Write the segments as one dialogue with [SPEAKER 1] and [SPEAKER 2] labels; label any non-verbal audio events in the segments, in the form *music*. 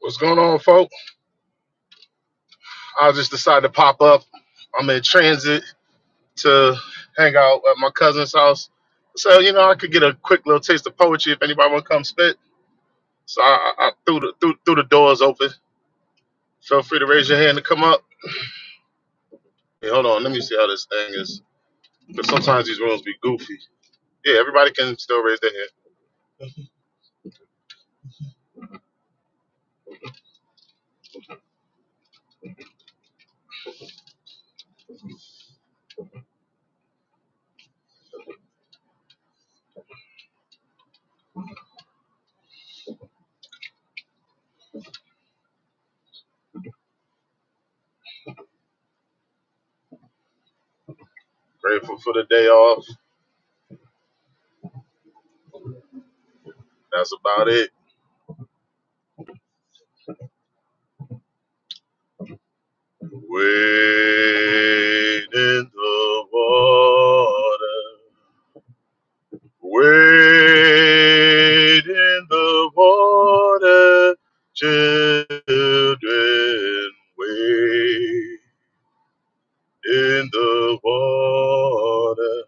[SPEAKER 1] What's going on, folk? I just decided to pop up. I'm in transit to hang out at my cousin's house. So, you know, I could get a quick little taste of poetry if anybody want to come spit. So I, I I threw, the, threw, threw the doors open. Feel free to raise your hand to come up. Hey, hold on. Let me see how this thing is. Because sometimes these rooms be goofy. Yeah, everybody can still raise their hand. Grateful for the day off. That's about it. Wait in the water. Wade in the water, children. Wade in the water.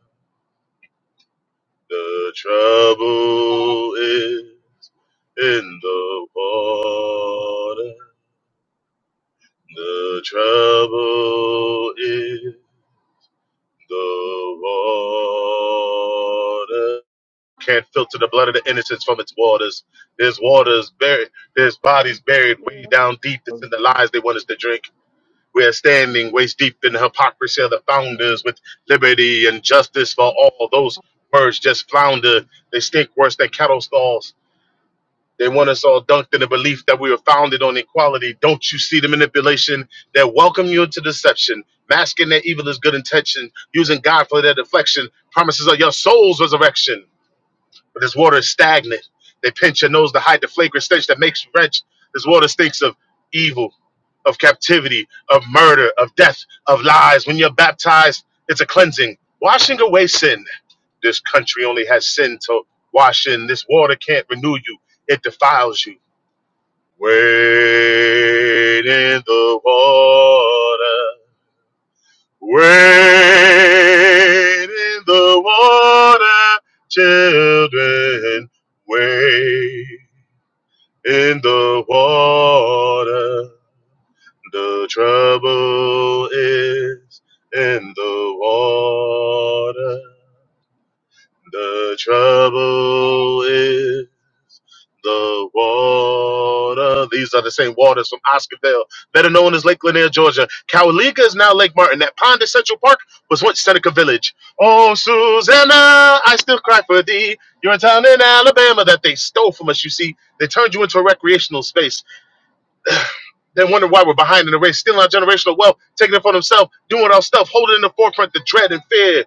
[SPEAKER 1] The trouble is in the water. The trouble is the water. can't filter the blood of the innocents from its waters. There's waters buried, there's bodies buried way down deep that's in the lies they want us to drink. We are standing waist deep in the hypocrisy of the founders with liberty and justice for all. Those words just flounder. They stink worse than cattle stalls. They want us all dunked in the belief that we were founded on equality. Don't you see the manipulation? They welcome you into deception, masking their evil as good intention, using God for their deflection, promises of your soul's resurrection but this water is stagnant. They pinch your nose to hide the flagrant stench that makes you wrench. This water stinks of evil, of captivity, of murder, of death, of lies. When you're baptized, it's a cleansing, washing away sin. This country only has sin to wash in. This water can't renew you, it defiles you. Wait in the water. Wade in the water, children. Wade in the water. The trouble is in the water. The trouble is The water. These are the same waters from Oscarville, better known as Lake Lanier, Georgia. Cowaliga is now Lake Martin. That pond at Central Park was once Seneca Village. Oh, Susanna, I still cry for thee. You're a town in Alabama that they stole from us, you see. They turned you into a recreational space. *sighs* They wonder why we're behind in the race, stealing our generational wealth, taking it for themselves, doing our stuff, holding in the forefront the dread and fear,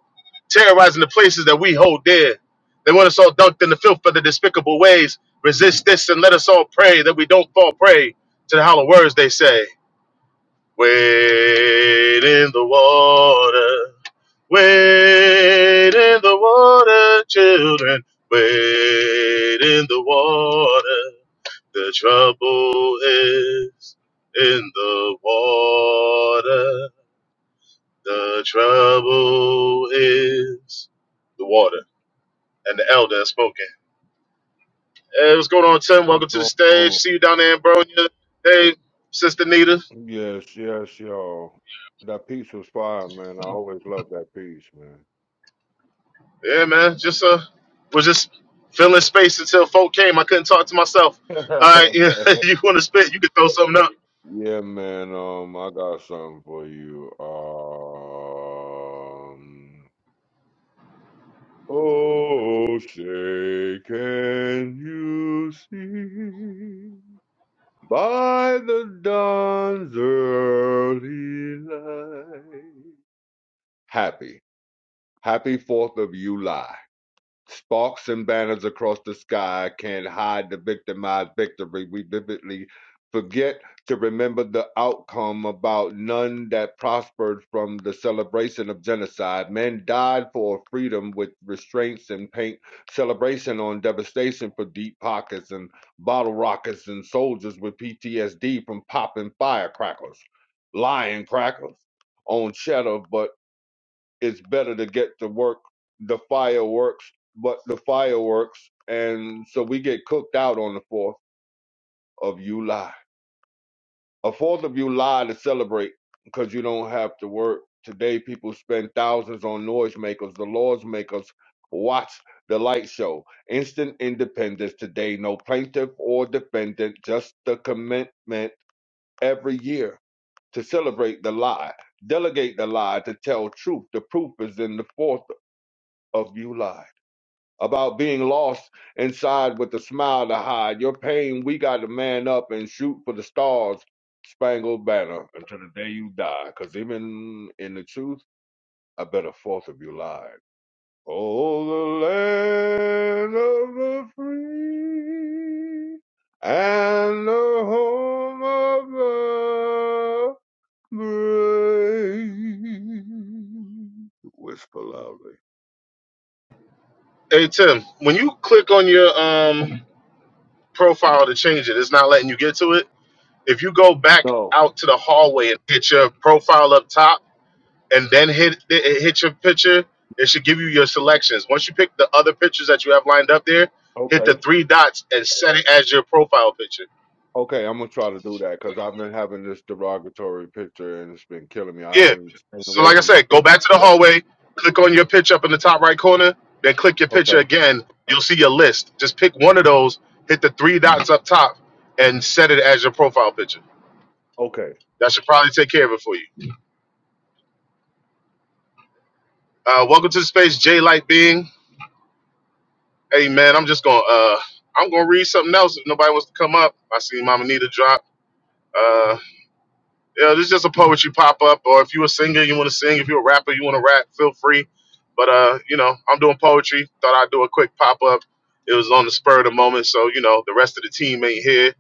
[SPEAKER 1] terrorizing the places that we hold dear. They want us all dunked in the filth of the despicable ways. Resist this and let us all pray that we don't fall prey to the hollow words they say. Wait in the water, wait in the water, children, wait in the water. The trouble is in the water. The trouble is the water. And the elder is spoken. Hey, what's going on, Tim? Welcome to the stage.
[SPEAKER 2] Oh,
[SPEAKER 1] See you down there in Bronya. Hey, Sister Nita.
[SPEAKER 2] yes, yes, y'all. That piece was fire, man. I always love that piece, man.
[SPEAKER 1] Yeah, man. Just uh was just filling space until folk came. I couldn't talk to myself. All right, *laughs*
[SPEAKER 2] *laughs*
[SPEAKER 1] you, wanna spit, you can throw something up.
[SPEAKER 2] yeah, man. Um, I got something for you. Um, oh, say, can you see by the dawn's early light? Happy, happy Fourth of July. Sparks and banners across the sky can hide the victimized victory. We vividly forget to remember the outcome about none that prospered from the celebration of genocide. Men died for freedom with restraints and paint, celebration on devastation for deep pockets and bottle rockets and soldiers with PTSD from popping firecrackers, lying crackers on cheddar, but it's better to get to work the fireworks, but the fireworks, and so we get cooked out on the Fourth of July. A Fourth of July to celebrate because you don't have to work. Today, people spend thousands on noisemakers. The laws makers watch the light show. Instant independence today. No plaintiff or defendant, just the commitment every year to celebrate the lie, delegate the lie, to tell truth. The proof is in the Fourth of July. about being lost inside with a smile to hide. Your pain, we got to man up and shoot for the stars, spangled banner until the day you die. Cause even in the truth, I bet a fourth of you lied. Oh, the land of the free and the home of the brave. Whisper loudly.
[SPEAKER 1] Hey Tim, when you click on your um profile to change it, it's not letting you get to it. If you go back
[SPEAKER 2] No.
[SPEAKER 1] out to the hallway and hit your profile up top, and then hit hit your picture, it should give you your selections. Once you pick the other pictures that you have lined up there, hit
[SPEAKER 2] Okay.
[SPEAKER 1] the three dots and set it as your profile picture.
[SPEAKER 2] Okay, I'm gonna try to do that because I've been having this derogatory picture and it's been killing me. I've
[SPEAKER 1] Yeah.
[SPEAKER 2] been staying
[SPEAKER 1] So
[SPEAKER 2] away
[SPEAKER 1] like I
[SPEAKER 2] from
[SPEAKER 1] said,
[SPEAKER 2] space.
[SPEAKER 1] go back to the
[SPEAKER 2] So,
[SPEAKER 1] hallway, click on your picture up in the top right corner, then click your picture
[SPEAKER 2] okay,
[SPEAKER 1] again. You'll see your list. Just pick one of those, hit the three dots up top, and set it as your profile picture.
[SPEAKER 2] okay,
[SPEAKER 1] That should probably take care of it for you. Uh, welcome to the space, J Light Being. Hey man, I'm just gonna uh I'm gonna read something else if nobody wants to come up. I see Mama Nita drop. Uh yeah, this is just a poetry pop up, or if you're a singer, you wanna sing, if you're a rapper, you wanna rap, feel free. But uh, you know, I'm doing poetry. Thought I'd do a quick pop up. It was on the spur of the moment, so you know, the rest of the team ain't here.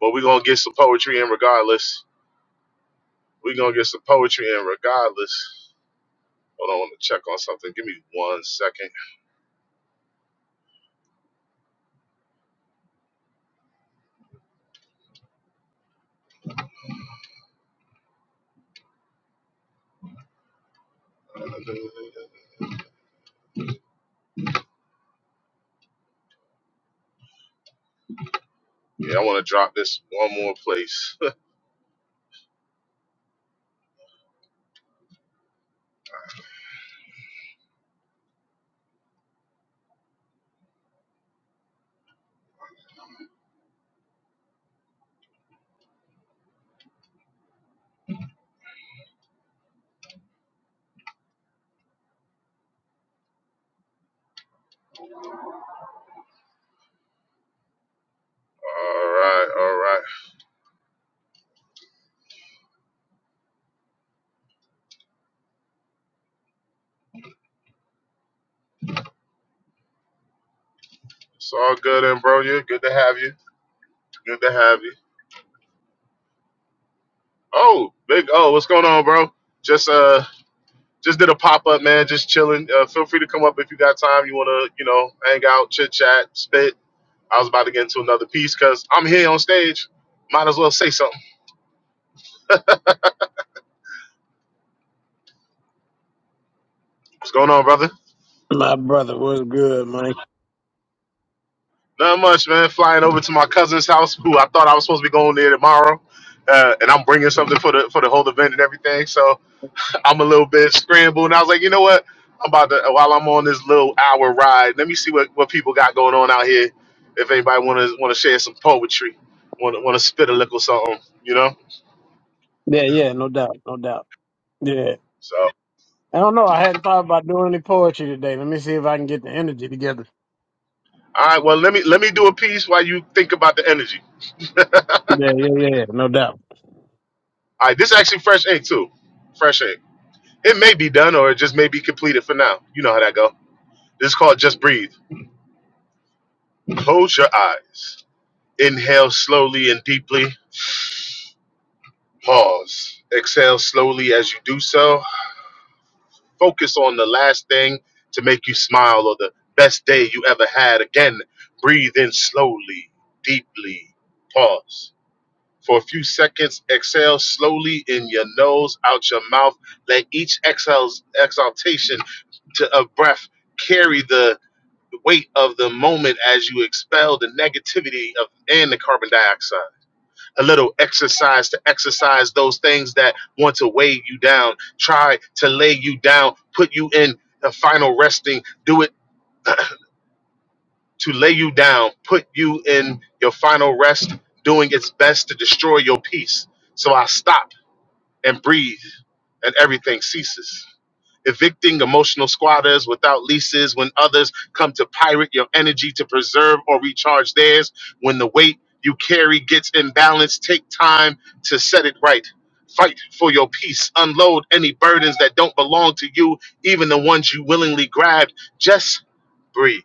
[SPEAKER 1] But we're gonna get some poetry in regardless. We're gonna get some poetry in regardless. Hold on, I want to check on something. Give me one second. Yeah, I want to drop this one more place. *laughs* all right, all right. It's all good, and bro, you good to have you. Good to have you. Oh, big oh, what's going on, bro? Just uh, just did a pop up, man. Just chilling. Uh, feel free to come up if you got time. You wanna, you know, hang out, chit chat, spit. I was about to get into another piece because I'm here on stage. Might as well say something. What's going on, brother?
[SPEAKER 3] My brother was good, man.
[SPEAKER 1] Not much, man. Flying over to my cousin's house, who I thought I was supposed to be going there tomorrow, uh, and I'm bringing something for the for the whole event and everything. So I'm a little bit scrambled, and I was like, you know what? I'm about to while I'm on this little hour ride. Let me see what, what people got going on out here. If anybody want to want to share some poetry, want to want to spit a lick or something, you know.
[SPEAKER 3] Yeah, yeah, no doubt, no doubt. Yeah.
[SPEAKER 1] So
[SPEAKER 3] I don't know. I hadn't thought about doing any poetry today. Let me see if I can get the energy together.
[SPEAKER 1] all right, well let me let me do a piece while you think about the energy. *laughs*
[SPEAKER 3] Yeah, yeah, yeah, no doubt.
[SPEAKER 1] All right, this is actually fresh ink too, fresh ink. It may be done or it just may be completed for now. You know how that go. This is called just breathe. Close your eyes. Inhale slowly and deeply. Pause. Exhale slowly as you do so. Focus on the last thing to make you smile or the best day you ever had. Again, breathe in slowly, deeply. Pause. For a few seconds, exhale slowly in your nose, out your mouth. Let each exhale's exaltation to a breath carry the weight of the moment as you expel the negativity of and the carbon dioxide a little exercise to exercise those things that want to weigh you down, try to lay you down, put you in a final resting, do it to lay you down, put you in your final rest, doing its best to destroy your peace. So I stop and breathe, and everything ceases evicting emotional squatters without leases when others come to pirate your energy to preserve or recharge theirs. When the weight you carry gets imbalanced, take time to set it right. Fight for your peace. Unload any burdens that don't belong to you, even the ones you willingly grabbed. Just breathe.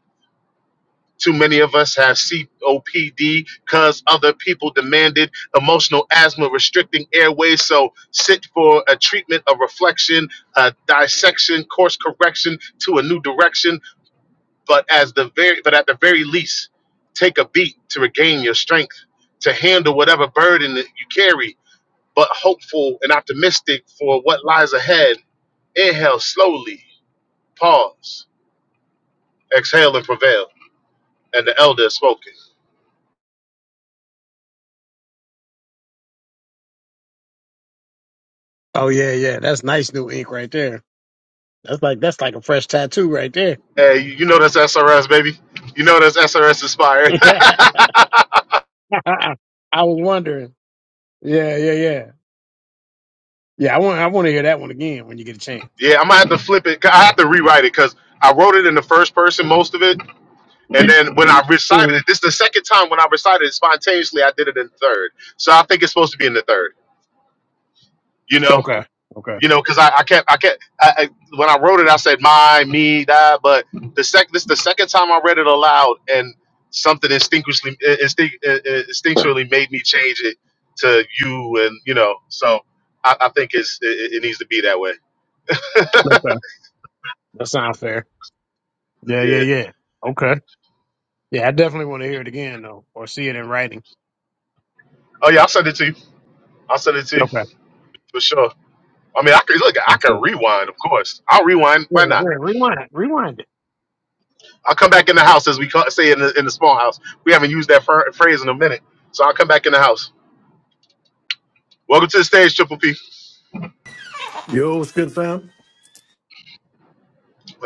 [SPEAKER 1] Too many of us have COPD because other people demanded emotional asthma restricting airways. So sit for a treatment, a reflection, a dissection, course correction to a new direction. But as the very, but at the very least, take a beat to regain your strength to handle whatever burden that you carry. But hopeful and optimistic for what lies ahead. Inhale slowly, pause, exhale and prevail. And the elder has spoken.
[SPEAKER 3] Oh yeah, yeah. That's nice new ink right there. That's like that's like a fresh tattoo right there.
[SPEAKER 1] Hey, you you know that's SRS, baby. You know that's SRS inspired. *laughs*
[SPEAKER 3] *laughs* I was wondering. Yeah, yeah, yeah. Yeah, I want I want to hear that one again when you get a chance.
[SPEAKER 1] yeah, I'm gonna have to flip it. I have to rewrite it because I wrote it in the first person most of it, and then when I recited
[SPEAKER 3] Mm.
[SPEAKER 1] it, this is the second time when I recited it spontaneously. I did it in third, so I think it's supposed to be in the third. You know.
[SPEAKER 3] Okay. Okay.
[SPEAKER 1] you know, because I, I kept, I kept, I, I, when I wrote it, I said my, me, that. But the sec, this the second time I read it aloud, and something instinctually, instinct, instinctually made me change it to you, and you know, so I, I think it's it, it needs to be that way. *laughs*
[SPEAKER 3] Okay. That sounds fair. Yeah, yeah,
[SPEAKER 1] Yeah.
[SPEAKER 3] yeah. Okay. Yeah, I definitely want to hear it again though, or see it in writing.
[SPEAKER 1] Oh yeah, I'll send it to you. I'll send it to you
[SPEAKER 3] Okay.
[SPEAKER 1] for sure. I mean, I could look. I could rewind, of course. I'll rewind.
[SPEAKER 3] Yeah,
[SPEAKER 1] Why
[SPEAKER 3] yeah.
[SPEAKER 1] not?
[SPEAKER 3] Rewind, rewind it.
[SPEAKER 1] I'll come back in the house as we call, say in the in the small house. We haven't used that phr- phrase in a minute, so I'll come back in the house. Welcome to the stage, Triple P.
[SPEAKER 4] Yo, what's good, fam?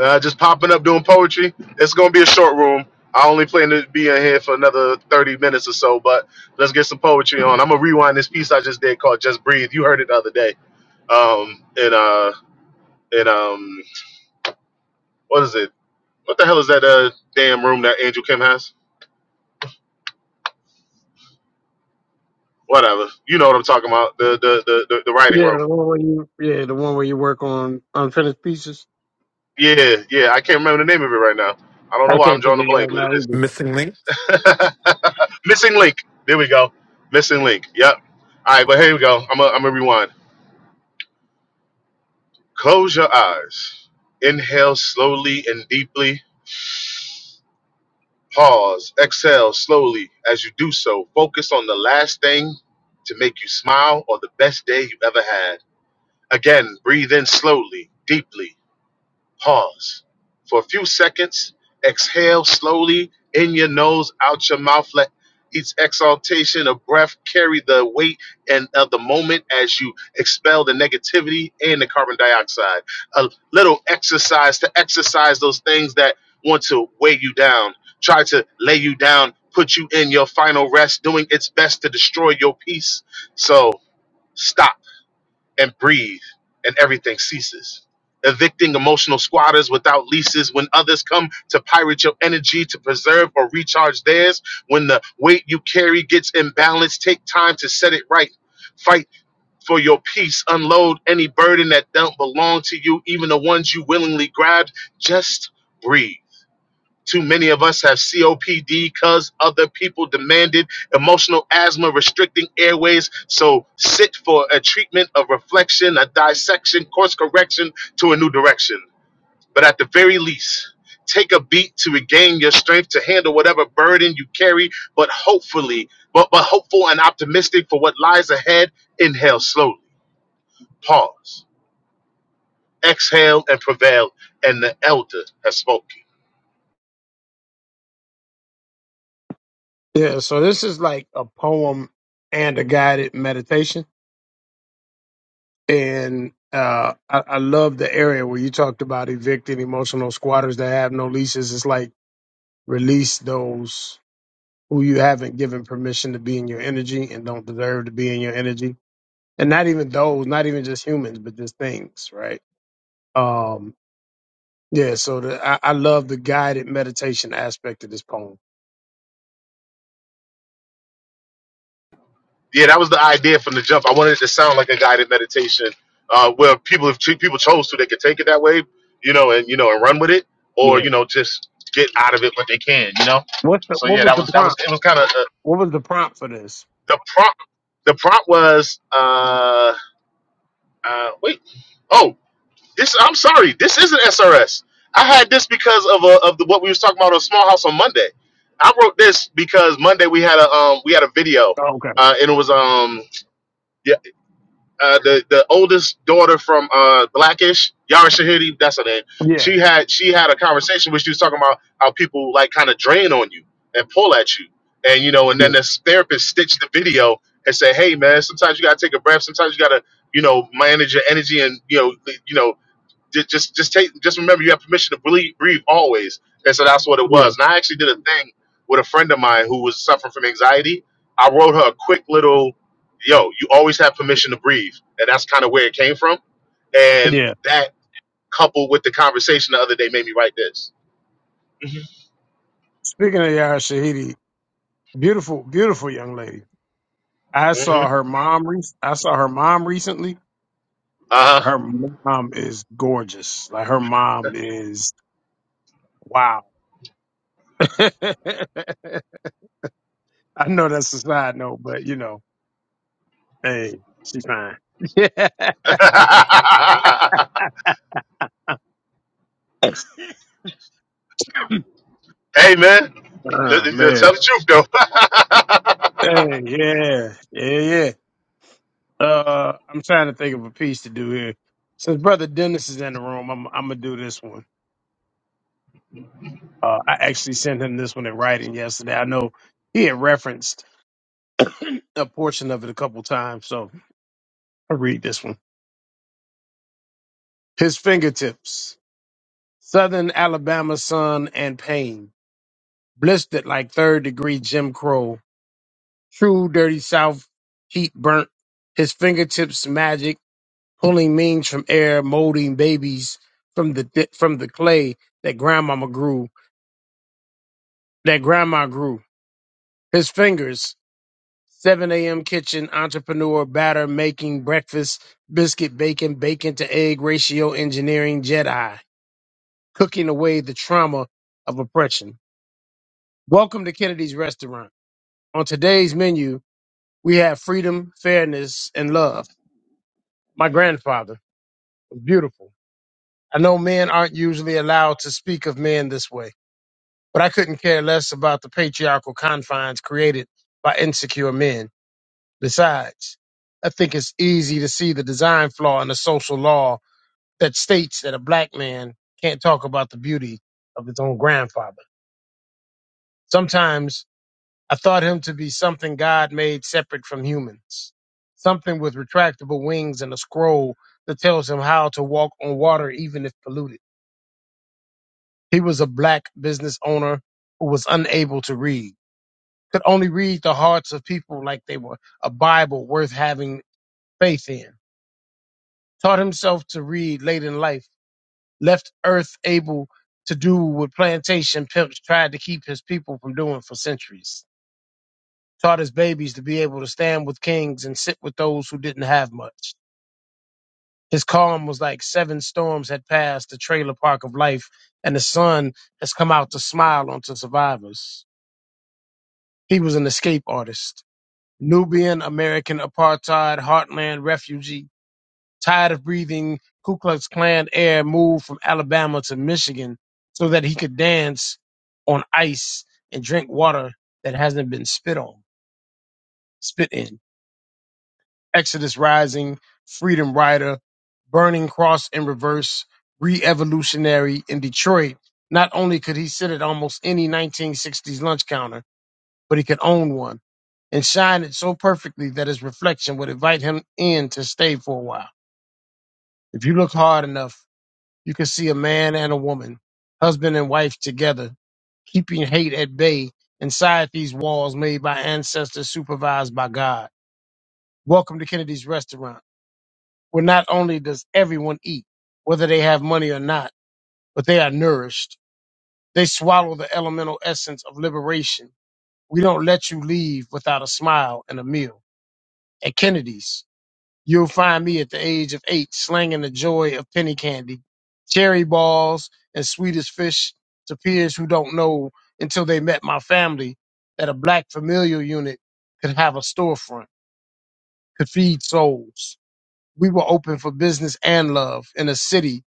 [SPEAKER 1] Uh, just popping up doing poetry. It's gonna be a short room. I only plan to be in here for another thirty minutes or so, but let's get some poetry on. I'm gonna rewind this piece I just did called "Just Breathe." You heard it the other day. Um, and uh, and um, what is it? What the hell is that uh damn room that Angel Kim has? Whatever. You know what I'm talking about. The the the the, the writing
[SPEAKER 3] Yeah,
[SPEAKER 1] room.
[SPEAKER 3] the one where you, yeah, the one where you work on unfinished pieces.
[SPEAKER 1] Yeah, yeah. I can't remember the name of it right now. I don't know
[SPEAKER 3] I
[SPEAKER 1] why I'm
[SPEAKER 3] can't think
[SPEAKER 1] drawing a
[SPEAKER 3] of it
[SPEAKER 1] blank,
[SPEAKER 3] right
[SPEAKER 1] but it
[SPEAKER 3] now
[SPEAKER 1] is
[SPEAKER 3] either.
[SPEAKER 4] Missing link.
[SPEAKER 1] *laughs* missing link. There we go. Missing link. Yep. All right, but here we go. I'm gonna I'm gonna rewind. Close your eyes. Inhale slowly and deeply. Pause. Exhale slowly. As you do so, focus on the last thing to make you smile or the best day you've ever had. Again, breathe in slowly, deeply. Pause for a few seconds. Exhale slowly in your nose, out your mouth. Let each exhaltation of breath carry the weight and of the moment as you expel the negativity and the carbon dioxide. A little exercise to exercise those things that want to weigh you down, try to lay you down, put you in your final rest, doing its best to destroy your peace. So stop and breathe, and everything ceases. Evicting emotional squatters without leases when others come to pirate your energy to preserve or recharge theirs. When the weight you carry gets imbalanced, take time to set it right. Fight for your peace. Unload any burden that don't belong to you, even the ones you willingly grabbed. Just breathe. Too many of us have COPD because other people demanded emotional asthma restricting airways. So sit for a treatment of reflection, a dissection, course correction to a new direction. But at the very least, take a beat to regain your strength to handle whatever burden you carry, but hopefully, but, but hopeful and optimistic for what lies ahead. Inhale slowly, pause, exhale and prevail, and the elder has spoken.
[SPEAKER 3] Yeah, so this is like a poem and a guided meditation, and uh, I, I love the area where you talked about evicting emotional squatters that have no leases. It's like release those who you haven't given permission to be in your energy and don't deserve to be in your energy, and not even those, not even just humans, but just things, right? Um, Yeah, so the, I, I love the guided meditation aspect of this poem.
[SPEAKER 1] Yeah, that was the idea from the jump. I wanted it to sound like a guided meditation, uh, where people if ch- people chose to, they could take it that way, you know, and you know, and run with it, or
[SPEAKER 3] Yeah.
[SPEAKER 1] you know, just get out of it what they can, you know.
[SPEAKER 3] What's the,
[SPEAKER 1] So
[SPEAKER 3] what
[SPEAKER 1] yeah,
[SPEAKER 3] was
[SPEAKER 1] that
[SPEAKER 3] the
[SPEAKER 1] was that was
[SPEAKER 3] prompt?
[SPEAKER 1] it was kind of uh,
[SPEAKER 3] What was the prompt for this?
[SPEAKER 1] the prompt. The prompt was, uh, uh, wait, oh, this. I'm sorry, this isn't SRS. I had this because of uh of the, what we was talking about on Small House on Monday. I wrote this because Monday we had a um we had a video,
[SPEAKER 3] Oh, okay.
[SPEAKER 1] uh, and it was um uh, the the oldest daughter from uh, Blackish, Yara Shahidi, that's her name.
[SPEAKER 3] Yeah,
[SPEAKER 1] She had she had a conversation where she was talking about how people like kind of drain on you and pull at you, and you know, and then
[SPEAKER 3] yeah,
[SPEAKER 1] this therapist stitched the video and said, "Hey, man, sometimes you gotta take a breath. Sometimes you gotta, you know, manage your energy and you know, you know, just, just, just take, just remember you have permission to breathe, breathe always. And so that's what it
[SPEAKER 3] yeah,
[SPEAKER 1] was. And I actually did a thing with a friend of mine who was suffering from anxiety. I wrote her a quick little, yo, you always have permission to breathe. And that's kind of where it came from. And
[SPEAKER 3] yeah.
[SPEAKER 1] that coupled with the conversation the other day made me write this. hmm
[SPEAKER 3] Speaking of Yara Shahidi, beautiful, beautiful young lady. I
[SPEAKER 1] hmm
[SPEAKER 3] saw her mom. Re- I saw her mom recently. Her
[SPEAKER 1] Uh-huh.
[SPEAKER 3] mom is gorgeous. Like her mom is wow. *laughs* I know that's a side note, but you know, hey, she's fine. *laughs*
[SPEAKER 1] *laughs* hey, man. Let-
[SPEAKER 3] oh,
[SPEAKER 1] let-
[SPEAKER 3] man.
[SPEAKER 1] Tell the truth, though. *laughs*
[SPEAKER 3] Hey, yeah, yeah, yeah. Uh, I'm trying to think of a piece to do here. Since brother Dennis is in the room, I'm I'm gonna do this one. Uh, I actually sent him this one in writing yesterday. I know he had referenced *clears throat* a portion of it a couple times, so I'll read this one. His fingertips, Southern Alabama sun and pain, blistered like third degree Jim Crow, true dirty South heat burnt. His fingertips magic. pulling means from air, molding babies from the thi- from the clay that grandmama grew, that grandma grew. His fingers, 7 a.m. kitchen, entrepreneur, batter, making breakfast, biscuit bacon, bacon to egg ratio, engineering, Jedi, cooking away the trauma of oppression. Welcome to Kennedy's Restaurant. On today's menu, we have freedom, fairness, and love. My grandfather was beautiful. I know men aren't usually allowed to speak of men this way but I couldn't care less about the patriarchal confines created by insecure men. Besides, I think it's easy to see the design flaw in the social law that states that a black man can't talk about the beauty of his own grandfather. Sometimes I thought him to be something God made separate from humans, something with retractable wings and a scroll that tells him how to walk on water even if polluted. He was a black business owner who was unable to read could only read the hearts of people like they were a Bible worth having faith in. Taught himself to read late in life, left Earth able to do what plantation pimps tried to keep his people from doing for centuries. Taught his babies to be able to stand with kings and sit with those who didn't have much. His calm was like seven storms had passed the trailer park of life, and the sun has come out to smile onto survivors. He was an escape artist Nubian American apartheid, heartland refugee, tired of breathing Ku Klux Klan air, moved from Alabama to Michigan so that he could dance on ice and drink water that hasn't been spit on, spit in. Exodus Rising, Freedom Rider, Burning Cross in Reverse, Re-Evolutionary in Detroit. Not only could he sit at almost any 1960s lunch counter, but he could own one and shine it so perfectly that his reflection would invite him in to stay for a while. If you look hard enough, you can see a man and a woman, husband and wife together, keeping hate at bay inside these walls made by ancestors supervised by God. Welcome to Kennedy's Restaurant, where not only does everyone eat, whether they have money or not, but they are nourished. They swallow the elemental essence of liberation. We don't let you leave without a smile and a meal. At Kennedy's, You'll find me at the age of eight slanging the joy of penny candy, cherry balls, and sweetest fish to peers who don't know until they met my family that a black familial unit could have a storefront, could feed souls. We were open for business and love in a city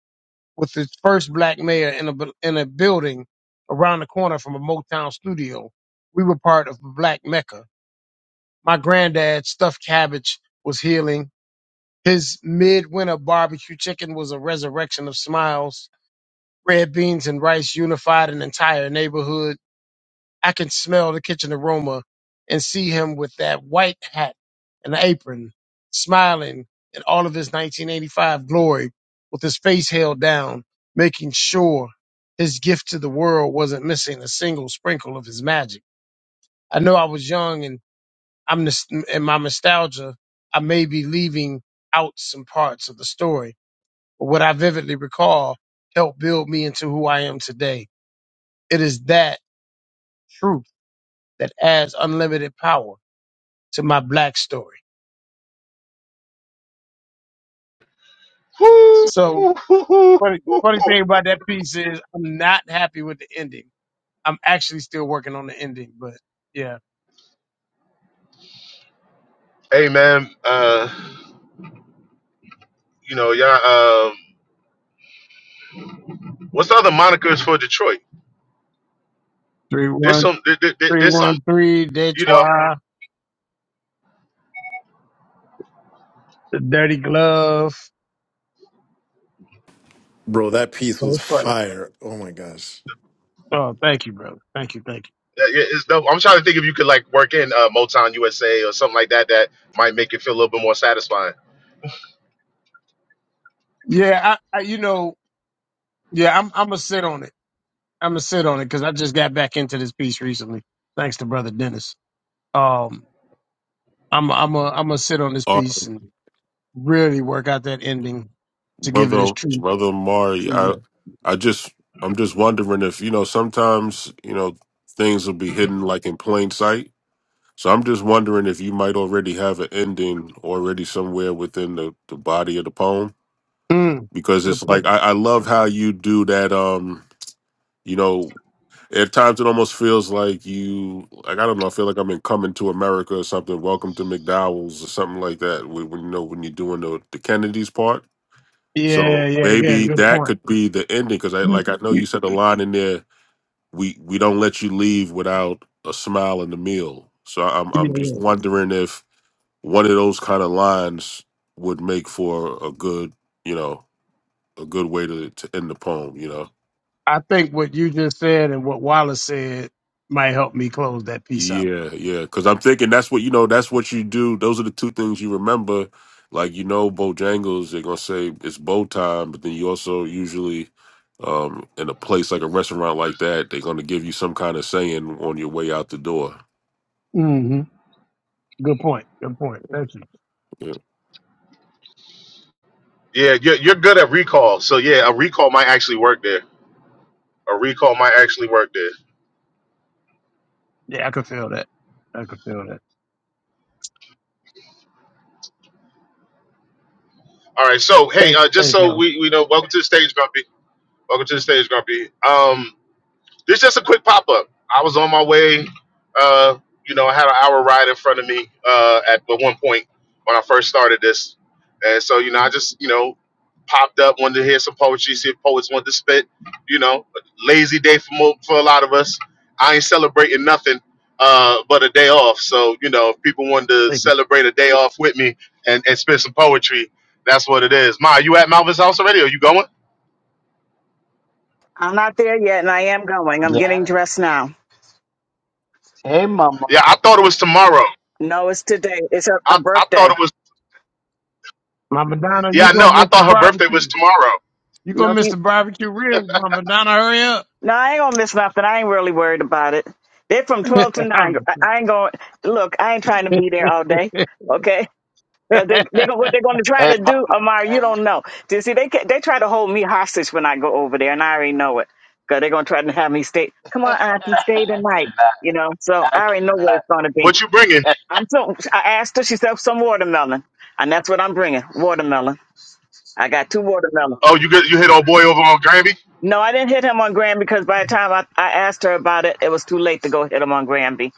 [SPEAKER 3] with its first black mayor in a, bu- in a building around the corner from a Motown studio. We were part of the Black Mecca. My granddad's stuffed cabbage was healing his midwinter barbecue chicken was a resurrection of smiles. Red beans and rice unified an entire neighborhood. I can smell the kitchen aroma and see him with that white hat and apron, smiling in all of his 1985 glory, with his face held down, making sure his gift to the world wasn't missing a single sprinkle of his magic. I know I was young and I'm nos- and my nostalgia. I may be leaving out some parts of the story but what I vividly recall helped build me into who I am today. It is that truth that adds unlimited power to my black story.
[SPEAKER 1] Woo.
[SPEAKER 3] So funny, funny thing about that piece is I'm not happy with the ending. I'm actually still working on the ending, but yeah.
[SPEAKER 1] Hey man, uh, You know, y'all. Um, what's the other monikers for Detroit?
[SPEAKER 3] Three
[SPEAKER 1] There's
[SPEAKER 3] one
[SPEAKER 1] some. There, there, there-
[SPEAKER 3] three
[SPEAKER 1] there's some.
[SPEAKER 3] one three Day
[SPEAKER 1] You know,
[SPEAKER 3] trois. the dirty glove.
[SPEAKER 4] Bro, that piece
[SPEAKER 3] Oh,
[SPEAKER 4] was
[SPEAKER 3] it's funny.
[SPEAKER 4] fire. Oh my gosh.
[SPEAKER 3] Oh, thank you, brother. Thank you, thank
[SPEAKER 1] yeah, yeah, it's dope. I'm trying to think if you could like work in uh, Motown USA or something like that. That might make it feel a little bit more satisfying.
[SPEAKER 3] you. Yeah, I, I you know, yeah, I'm I'm gonna sit on it. I'm gonna sit on it because I just got back into this piece recently, thanks to brother Dennis. Um, I'm I'm a, I'm gonna sit on this
[SPEAKER 5] uh,
[SPEAKER 3] piece and really work out that ending to give it its
[SPEAKER 5] brother,
[SPEAKER 3] true.
[SPEAKER 5] brother Mari,
[SPEAKER 3] true
[SPEAKER 5] I,
[SPEAKER 3] way.
[SPEAKER 5] I just, I'm just wondering if you know, sometimes you know, things will be hidden like in plain sight. So I'm just wondering if you might already have an ending already somewhere within the, the body of the poem,
[SPEAKER 3] Mm,
[SPEAKER 5] because it's
[SPEAKER 3] good
[SPEAKER 5] like
[SPEAKER 3] point.
[SPEAKER 5] I, I love how you do that. Um, you know, at times it almost feels like you, like I don't know, I feel like I'm in Coming to America or something, Welcome to McDowell's or something like that. When, when you know when you're doing the, the Kennedys part
[SPEAKER 3] Yeah,
[SPEAKER 5] So
[SPEAKER 3] yeah, yeah.
[SPEAKER 5] maybe
[SPEAKER 3] Good
[SPEAKER 5] that
[SPEAKER 3] point.
[SPEAKER 5] could
[SPEAKER 3] *clears throat*
[SPEAKER 5] be the ending because I like I know you said the line in there. We we don't let you leave without a smile and a meal. So I'm
[SPEAKER 3] Mm,
[SPEAKER 5] I'm
[SPEAKER 3] Yeah,
[SPEAKER 5] just
[SPEAKER 3] yeah.
[SPEAKER 5] wondering if one of those kind of lines would make for a good you know a good way to to end the poem. You know.
[SPEAKER 3] I think what you just said and what Wallace said might help me close that piece out.
[SPEAKER 5] Yeah, yeah. Because I'm thinking that's what you know. That's what you do. Those are the two things you remember. Like you know, Bojangles, they're gonna say it's bow time, but then you also usually, um, in a place like a restaurant like that, they're gonna give you some kind of saying on your way out the door.
[SPEAKER 3] hmm Good point. Good point. Thank you.
[SPEAKER 5] Yeah.
[SPEAKER 1] Yeah, you're, you're good at recall. So yeah, a recall might actually work there. A recall might actually work there.
[SPEAKER 3] Yeah, I could feel that. I could feel that.
[SPEAKER 1] All right. So hey,
[SPEAKER 3] Thank,
[SPEAKER 1] uh, just
[SPEAKER 3] thank
[SPEAKER 1] so
[SPEAKER 3] you.
[SPEAKER 1] we we know, welcome to the stage, Grumpy. Welcome to the stage, Grumpy. Um, This just a quick pop up. I was on my way. Uh, you know, I had an hour ride in front of me uh, at at one point when I first started this, and so you know, I just you know popped up, wanted to hear some poetry, see if poets wanted to spit. You know, lazy day for mo- for a lot of us. I ain't celebrating nothing uh, but a day off. So you know, if people wanted to
[SPEAKER 3] Thank you.
[SPEAKER 1] celebrate a day off with me and and spit some poetry, that's what it is. Ma, you at Malvin's house already? Are you going?
[SPEAKER 6] I'm not there yet, and I am going. I'm
[SPEAKER 7] Yeah.
[SPEAKER 6] getting
[SPEAKER 7] I-
[SPEAKER 6] dressed now.
[SPEAKER 7] Hey,
[SPEAKER 1] Yeah,
[SPEAKER 7] mama.
[SPEAKER 1] I thought it was tomorrow.
[SPEAKER 6] No, it's today. It's her, her
[SPEAKER 1] I, I thought
[SPEAKER 6] birthday.
[SPEAKER 1] it was.
[SPEAKER 3] Mama Donna,
[SPEAKER 1] Yeah,
[SPEAKER 3] you
[SPEAKER 1] I
[SPEAKER 3] gonna
[SPEAKER 1] know. I
[SPEAKER 3] miss the
[SPEAKER 1] thought her birthday
[SPEAKER 3] barbecue.
[SPEAKER 1] was tomorrow.
[SPEAKER 3] You gonna
[SPEAKER 6] No,
[SPEAKER 3] miss
[SPEAKER 6] she,
[SPEAKER 3] the barbecue ribs, Mama Donna. Hurry up.
[SPEAKER 6] no, I ain't gonna miss nothing. I ain't really worried about it. They're from twelve to
[SPEAKER 3] *laughs* I'm-
[SPEAKER 6] nine. I, I ain't going. Look, I ain't trying to be there all day. Okay.
[SPEAKER 3] *laughs*
[SPEAKER 6] Cause they, they gon- what they're going to try
[SPEAKER 7] Hey,
[SPEAKER 6] to do,
[SPEAKER 7] mama.
[SPEAKER 6] Amar,
[SPEAKER 7] Hey,
[SPEAKER 6] you
[SPEAKER 7] ma-
[SPEAKER 6] don't know. You see, they ca- they try to hold me hostage when I go over there, and I already know it. Cause they're going to try to have me stay. Come
[SPEAKER 7] *laughs*
[SPEAKER 6] on, Auntie, stay
[SPEAKER 7] I
[SPEAKER 6] tonight.
[SPEAKER 7] cannot.
[SPEAKER 6] You know, so
[SPEAKER 7] I
[SPEAKER 6] I already know what it's going to be.
[SPEAKER 1] What you bringing?
[SPEAKER 7] cannot.
[SPEAKER 6] I'm so. I asked her. She said some watermelon, and that's what I'm bringing. Watermelon. I got two watermelons.
[SPEAKER 1] Oh, you get, you hit old boy over on Grammy.
[SPEAKER 6] No, I didn't hit him on Granby because by the time I, I asked her about it, it was too late to go hit him on Granby.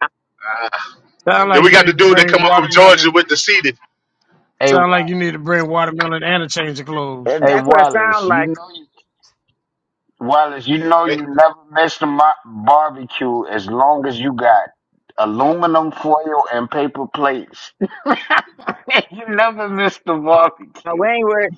[SPEAKER 6] I,
[SPEAKER 7] *laughs*
[SPEAKER 3] Sound
[SPEAKER 7] hey,
[SPEAKER 1] Then
[SPEAKER 3] like
[SPEAKER 1] we
[SPEAKER 3] you
[SPEAKER 1] got the
[SPEAKER 3] need to
[SPEAKER 1] dude that come
[SPEAKER 3] bring
[SPEAKER 1] up from Georgia
[SPEAKER 3] watermelon.
[SPEAKER 1] with the seated.
[SPEAKER 7] hey,
[SPEAKER 3] Sound like
[SPEAKER 7] what?
[SPEAKER 3] you need to bring watermelon and a change of clothes.
[SPEAKER 7] Hey,
[SPEAKER 6] that's what it sounds
[SPEAKER 7] Wallace. You
[SPEAKER 6] like.
[SPEAKER 7] know you, Wallace. You know
[SPEAKER 1] They
[SPEAKER 7] you never miss the mo- barbecue as long as you got aluminum foil and paper plates. *laughs* you never miss the
[SPEAKER 6] Uh,
[SPEAKER 7] barbecue.
[SPEAKER 6] We ain't worried.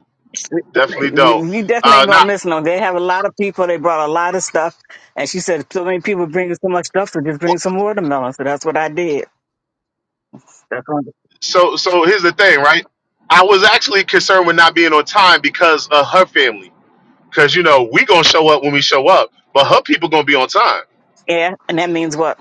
[SPEAKER 1] definitely don't.
[SPEAKER 6] We- You definitely
[SPEAKER 1] Uh,
[SPEAKER 6] ain't gonna
[SPEAKER 1] not
[SPEAKER 6] miss no. They have a lot of people. They brought a lot of stuff, and she said so many people bringing so much stuff, so just bring some watermelon. So that's what I did. That's what-
[SPEAKER 1] so. So here's the thing, right? I was actually concerned with not being on time because of her family. Because you know we gonna show up when we show up, but her people gonna be on time.
[SPEAKER 6] yeah, and that means what?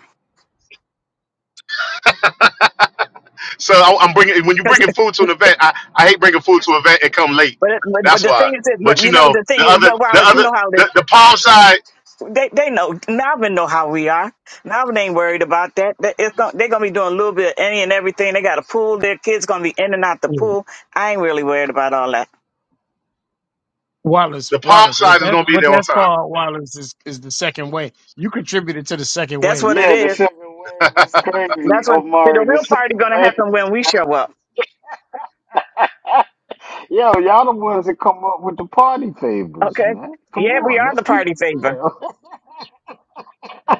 [SPEAKER 1] So I, I'm bringing when you bringing
[SPEAKER 6] *laughs*
[SPEAKER 1] food to an event. I, I hate bringing food to an event and come late.
[SPEAKER 6] But, but but
[SPEAKER 1] That's
[SPEAKER 6] the
[SPEAKER 1] why.
[SPEAKER 6] thing is, that-
[SPEAKER 1] But
[SPEAKER 6] but
[SPEAKER 1] you
[SPEAKER 6] you know what
[SPEAKER 1] know
[SPEAKER 6] the thing
[SPEAKER 1] the
[SPEAKER 6] is,
[SPEAKER 1] other
[SPEAKER 6] but
[SPEAKER 1] the
[SPEAKER 6] Wallace, you
[SPEAKER 1] other
[SPEAKER 6] know how it is.
[SPEAKER 1] the, the palm side
[SPEAKER 6] They they know Navin know how we are. Navin ain't worried about that. That- It's going they're gonna be doing a little bit of any and everything. They got a pool. Their kids gonna be in and out the
[SPEAKER 3] Yeah.
[SPEAKER 6] pool. I ain't really worried about all that.
[SPEAKER 3] Wallace,
[SPEAKER 1] the palm
[SPEAKER 3] Wallace, was
[SPEAKER 1] side is
[SPEAKER 3] that
[SPEAKER 1] gonna be
[SPEAKER 3] what
[SPEAKER 1] there on
[SPEAKER 3] that's
[SPEAKER 1] time.
[SPEAKER 3] called? Wallace is is the second wave. You contributed to the second
[SPEAKER 6] That's what it
[SPEAKER 3] wave.
[SPEAKER 7] Yeah, the
[SPEAKER 6] is.
[SPEAKER 7] second wave is crazy,
[SPEAKER 6] That's when see,
[SPEAKER 7] Omari.
[SPEAKER 6] the
[SPEAKER 7] The
[SPEAKER 6] real party
[SPEAKER 7] second
[SPEAKER 6] gonna
[SPEAKER 7] wave
[SPEAKER 6] happen
[SPEAKER 7] is
[SPEAKER 6] when we
[SPEAKER 7] crazy.
[SPEAKER 6] show up.
[SPEAKER 7] *laughs* Yo, y'all the ones that come up with the party favors,
[SPEAKER 6] Okay.
[SPEAKER 7] man. Come
[SPEAKER 6] Yeah, we
[SPEAKER 7] on,
[SPEAKER 6] are
[SPEAKER 7] let's
[SPEAKER 6] the
[SPEAKER 7] keep
[SPEAKER 6] party
[SPEAKER 7] it
[SPEAKER 6] favor.
[SPEAKER 7] real. *laughs* I,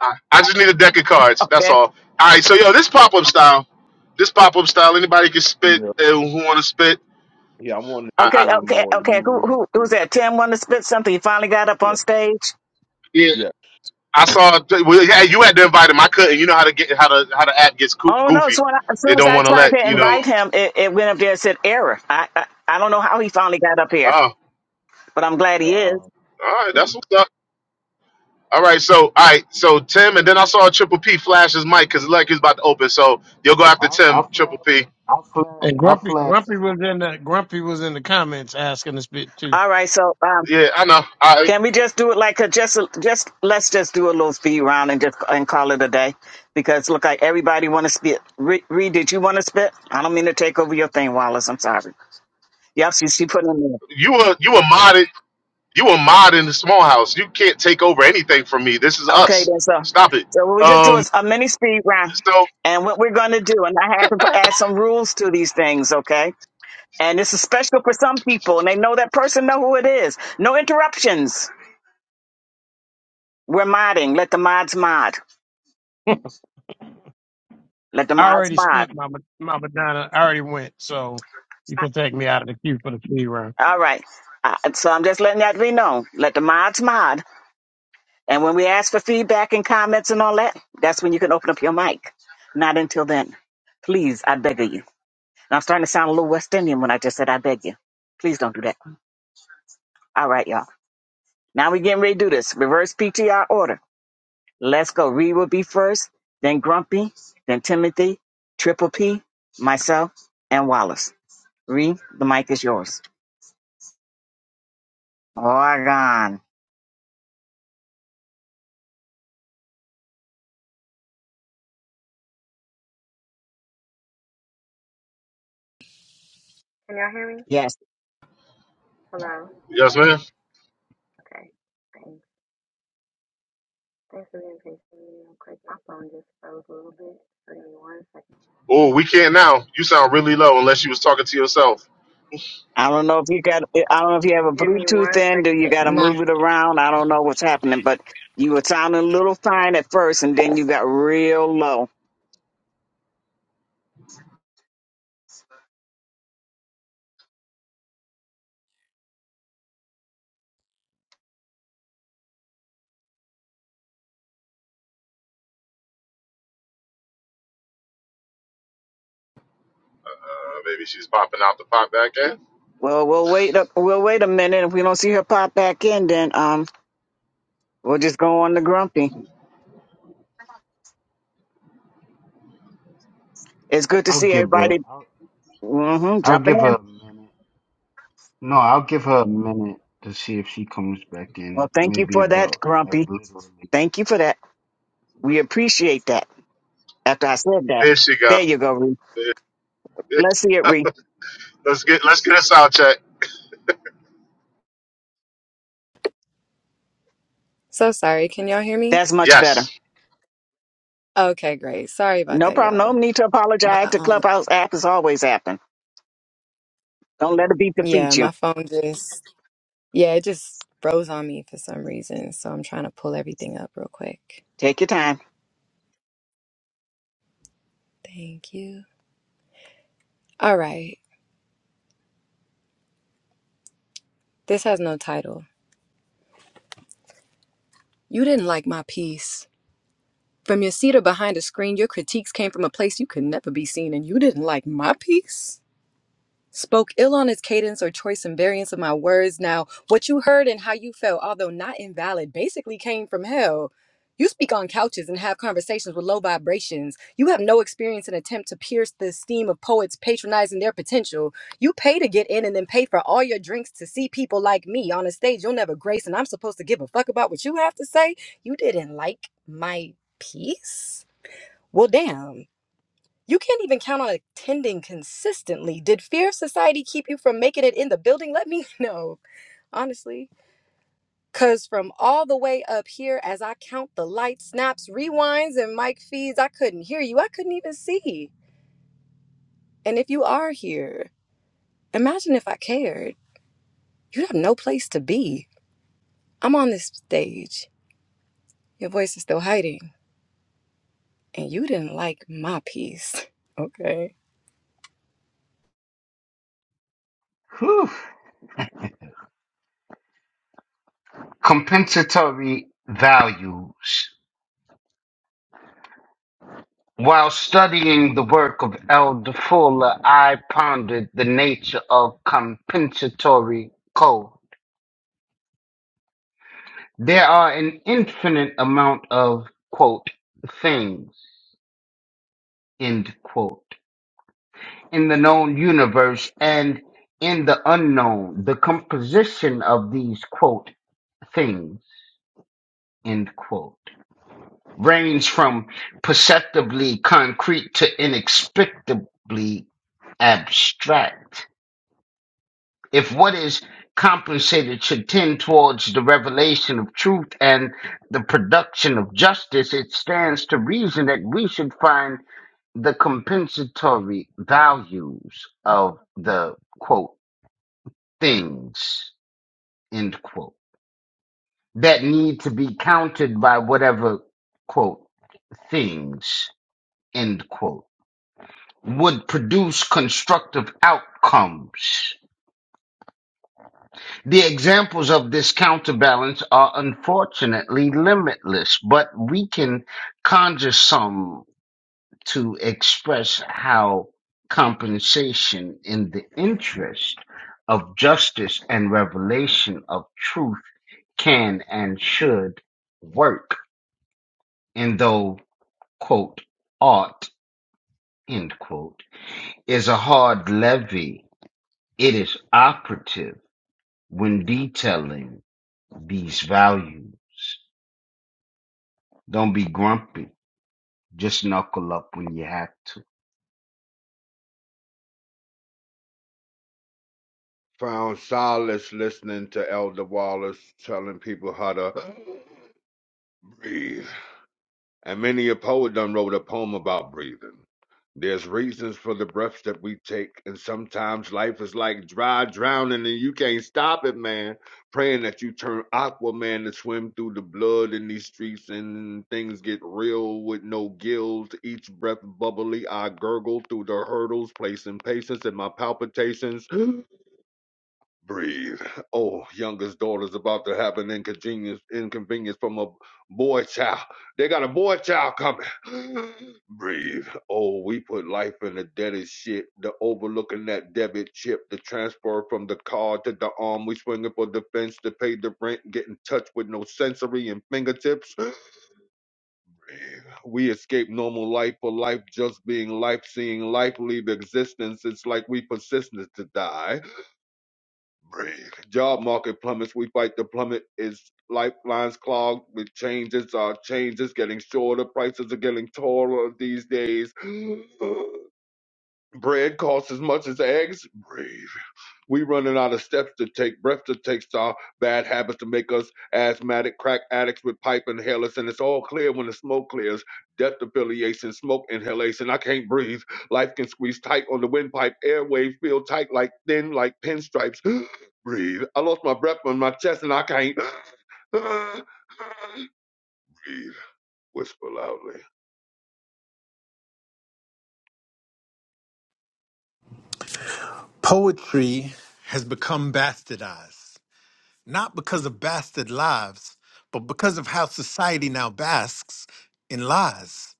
[SPEAKER 1] I, I just need a deck of cards. That's
[SPEAKER 6] Okay.
[SPEAKER 1] all. All right. So yo, this pop up style, this pop up style. Anybody can spit
[SPEAKER 2] yeah,
[SPEAKER 1] uh, who want to spit.
[SPEAKER 2] yeah. I want to get
[SPEAKER 1] I,
[SPEAKER 6] Okay.
[SPEAKER 1] I,
[SPEAKER 2] one
[SPEAKER 6] Okay.
[SPEAKER 2] more. You,
[SPEAKER 6] Okay. Who
[SPEAKER 2] re-
[SPEAKER 6] who
[SPEAKER 2] you
[SPEAKER 6] who's that? Tim wanted to spit something. He finally got up
[SPEAKER 2] yeah,
[SPEAKER 6] on stage.
[SPEAKER 1] yeah,
[SPEAKER 2] yeah,
[SPEAKER 1] I saw. Well, yeah, you had to invite him. I couldn't. You know how to get how to how the app gets coo-
[SPEAKER 6] Oh no!
[SPEAKER 1] goofy.
[SPEAKER 6] So when I, as
[SPEAKER 1] They
[SPEAKER 6] soon as
[SPEAKER 1] don't
[SPEAKER 6] I
[SPEAKER 1] want to let
[SPEAKER 6] tried to
[SPEAKER 1] you know.
[SPEAKER 6] invite him, it, it went up there and said error. I, I I don't know how he finally got up
[SPEAKER 1] Oh,
[SPEAKER 6] here,
[SPEAKER 1] all
[SPEAKER 6] but I'm glad
[SPEAKER 2] yeah.
[SPEAKER 6] he is.
[SPEAKER 2] I
[SPEAKER 1] right. That's what's up. All right. So all right. So Tim, and then I saw Triple P flash his mic because like he's about to open. So you'll go after
[SPEAKER 7] I
[SPEAKER 1] Tim,
[SPEAKER 7] flat,
[SPEAKER 1] Triple P.
[SPEAKER 7] I flat,
[SPEAKER 3] And
[SPEAKER 7] I
[SPEAKER 3] Grumpy,
[SPEAKER 7] flat.
[SPEAKER 3] Grumpy
[SPEAKER 7] too.
[SPEAKER 3] was in the Grumpy was in the comments asking to spit too.
[SPEAKER 6] All right, so um,
[SPEAKER 1] Yeah, I know. I
[SPEAKER 6] can we just do it like a just just let's just do a little speed round and just and call it a day because look like everybody want to spit. Re- Reed, did you want to spit? I don't mean to take over your thing, Wallace. I'm sorry. Yep, she she putting it in
[SPEAKER 1] you were you were modded. You a mod in the small house. You can't take over anything from me. This is
[SPEAKER 6] Okay,
[SPEAKER 1] us.
[SPEAKER 6] then so
[SPEAKER 1] Stop it.
[SPEAKER 6] so what we just do
[SPEAKER 1] Um.
[SPEAKER 6] is a mini speed round,
[SPEAKER 1] So
[SPEAKER 6] and what we're going to do, and I have to put- add some rules to these things, okay? And this is special for some people, and they know that person know who it is. No interruptions. We're modding. Let the mods mod. Let the
[SPEAKER 3] I
[SPEAKER 6] mods
[SPEAKER 3] already
[SPEAKER 6] mod.
[SPEAKER 3] spit, Mama, Mama Donna. I already went, so you can take me out of the queue for the free round.
[SPEAKER 6] All right. Uh, so I'm just letting that be known. Let the mods mod. And when we ask for feedback and comments and all that, that's when you can open up your mic. Not until then. Please, I beg of you. And I'm starting to sound a little West Indian when I just said I beg you. Please don't do that. All right, y'all. Now we're getting ready to do this. Reverse PTR order. Let's go. Reed will be first, then Grumpy, then Timothy, Triple P, myself, and Wallace. Reed, the mic is yours. Oregon.
[SPEAKER 8] Can y'all hear me?
[SPEAKER 6] Yes.
[SPEAKER 8] Hello?
[SPEAKER 1] yes,
[SPEAKER 8] Can y'all?
[SPEAKER 1] man.
[SPEAKER 8] Okay. Thanks. Thanks for being patient with me real quick. My phone just froze a little bit. So give me one second.
[SPEAKER 1] Oh, we can't now. You sound really low unless you was talking to yourself.
[SPEAKER 6] I don't know if you got. I don't know if you have a
[SPEAKER 8] Give me
[SPEAKER 6] Bluetooth
[SPEAKER 8] one
[SPEAKER 6] in.
[SPEAKER 8] second.
[SPEAKER 6] Do you got to move it around? I don't know what's happening, but you were sounding a little fine at first, and then you got real low.
[SPEAKER 1] Uh, maybe she's popping out the pop back in.
[SPEAKER 6] Well, we'll wait. Up, we'll wait a minute. If we don't see her pop back in, then um, we'll just go on to Grumpy. It's good to
[SPEAKER 7] I'll
[SPEAKER 6] see
[SPEAKER 7] give her,
[SPEAKER 6] everybody
[SPEAKER 7] I'll,
[SPEAKER 6] hmm
[SPEAKER 7] I'll
[SPEAKER 6] jumping
[SPEAKER 7] give her
[SPEAKER 6] in.
[SPEAKER 7] a minute. No, I'll give her a minute to see if she comes back in.
[SPEAKER 6] Well, thank you
[SPEAKER 7] Maybe
[SPEAKER 6] for that,
[SPEAKER 7] about like
[SPEAKER 6] Grumpy.
[SPEAKER 7] literally.
[SPEAKER 6] Thank you for that. We appreciate that. After I said that,
[SPEAKER 1] There she go.
[SPEAKER 6] there you go, Ree.
[SPEAKER 1] There- there-
[SPEAKER 6] Let's see it, Ree.
[SPEAKER 1] Let's get let's get a sound check.
[SPEAKER 8] So sorry. Can y'all hear me?
[SPEAKER 6] That's much better.
[SPEAKER 1] Yes,
[SPEAKER 8] Okay, great. Sorry about
[SPEAKER 6] No
[SPEAKER 8] that,
[SPEAKER 6] problem. No
[SPEAKER 8] y'all.
[SPEAKER 6] need to
[SPEAKER 8] My
[SPEAKER 6] apologize. The
[SPEAKER 8] um
[SPEAKER 6] Clubhouse app is always happening. Don't let it be
[SPEAKER 8] yeah,
[SPEAKER 6] defeat you.
[SPEAKER 8] my phone just yeah, it just froze on me for some reason. So I'm trying to pull everything up real quick.
[SPEAKER 6] Take your time.
[SPEAKER 8] Thank you. All right. This has no title. You didn't like my piece. From your seat or behind a screen, your critiques came from a place you could never be seen, and you didn't like my piece? spoke ill on his cadence or choice and variance of my words. Now, what you heard and how you felt, although not invalid, basically came from hell. You speak on couches and have conversations with low vibrations. You have no experience in attempt to pierce the esteem of poets patronizing their potential. You pay to get in and then pay for all your drinks to see people like me on a stage you'll never grace, and I'm supposed to give a fuck about what you have to say? You didn't like my piece? Well, damn. You can't even count on attending consistently. Did fear of society keep you from making it in the building? Let me *laughs* know, honestly. Because from all the way up here, as I count the lights, snaps, rewinds, and mic feeds, I couldn't hear you. I couldn't even see. And if you are here, imagine if I cared. You'd have no place to be. I'm on this stage. Your voice is still hiding, and you didn't like my piece. *laughs* Okay.
[SPEAKER 7] Whew. Compensatory values. While studying the work of Elder Fuller, I pondered the nature of compensatory There are an infinite amount of quote things end quote in the known universe and in the unknown. The composition of these quote things end quote range from perceptibly concrete to inexplicably abstract. if what is compensated should tend towards the revelation of truth and the production of justice, it stands to reason that we should find the compensatory values of the quote things end quote that need to be counted by whatever quote things end quote would produce constructive outcomes The examples of this counterbalance are unfortunately limitless, but we can conjure some to express how compensation in the interest of justice and revelation of truth can and should work. And though, quote, art, end quote, is a hard levy, it is operative when detailing these values. Don't be grumpy. Just knuckle up when you have to.
[SPEAKER 2] found solace listening to Elder Wallace telling people how to *gasps* breathe. And many a poet done wrote a poem about breathing. There's reasons for the breaths that we take, and sometimes life is like dry drowning and you can't stop it, man. Praying that you turn Aquaman to swim through the blood in these streets and things get real with no gills. Each breath bubbly, I gurgle through the hurdles, placing patience in my palpitations. *gasps* breathe. Oh, youngest daughter's about to have an inconvenience, inconvenience from a boy child. They got a boy child coming. *gasps* breathe. Oh, we put life in the deadest shit. The overlooking that debit chip, the transfer from the card to the arm. We swinging for defense to pay the rent. Get in touch with no sensory and fingertips. *gasps* Breathe. We escape normal life for life just being life, seeing life leave existence. It's like we persistent to die. Job market plummets. We fight the plummet. Is lifelines clogged with changes? Our changes getting shorter. Prices are getting taller these days. *gasps* Bread costs as much as eggs. We running out of steps to take, breath to take, star bad habits to make us asthmatic, crack addicts with pipe inhalers, and it's all clear when the smoke clears. Death affiliation, smoke inhalation. I can't breathe. Life can squeeze tight on the windpipe. Airways feel tight, like thin, like pinstripes. *gasps* breathe. I lost my breath on my chest, and I can't *sighs* *gasps* breathe. Whisper loudly.
[SPEAKER 4] Poetry has become bastardized, not because of bastard lives, but because of how society now basks in lies.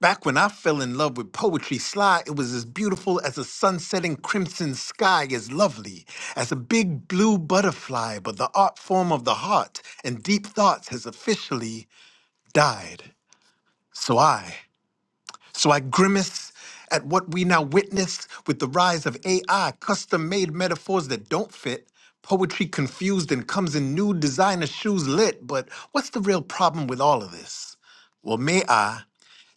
[SPEAKER 4] Back when I fell in love with poetry sly, it was as beautiful as a sunsetting crimson sky as lovely, as a big blue butterfly, but the art form of the heart and deep thoughts has officially died. So I. So I grimace at what we now witness with the rise of AI, custom made metaphors that don't fit, poetry confused and comes in new designer shoes lit. But what's the real problem with all of this? Well, may I?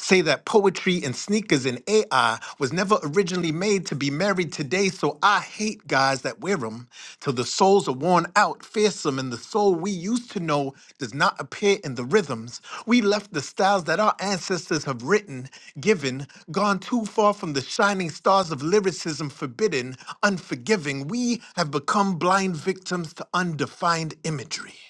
[SPEAKER 4] say that poetry and sneakers and AI was never originally made to be married today, so I hate guys that wear them till the souls are worn out, fearsome, and the soul we used to know does not appear in the rhythms. We left the styles that our ancestors have written, given, gone too far from the shining stars of lyricism, forbidden, unforgiving. We have become blind victims to undefined imagery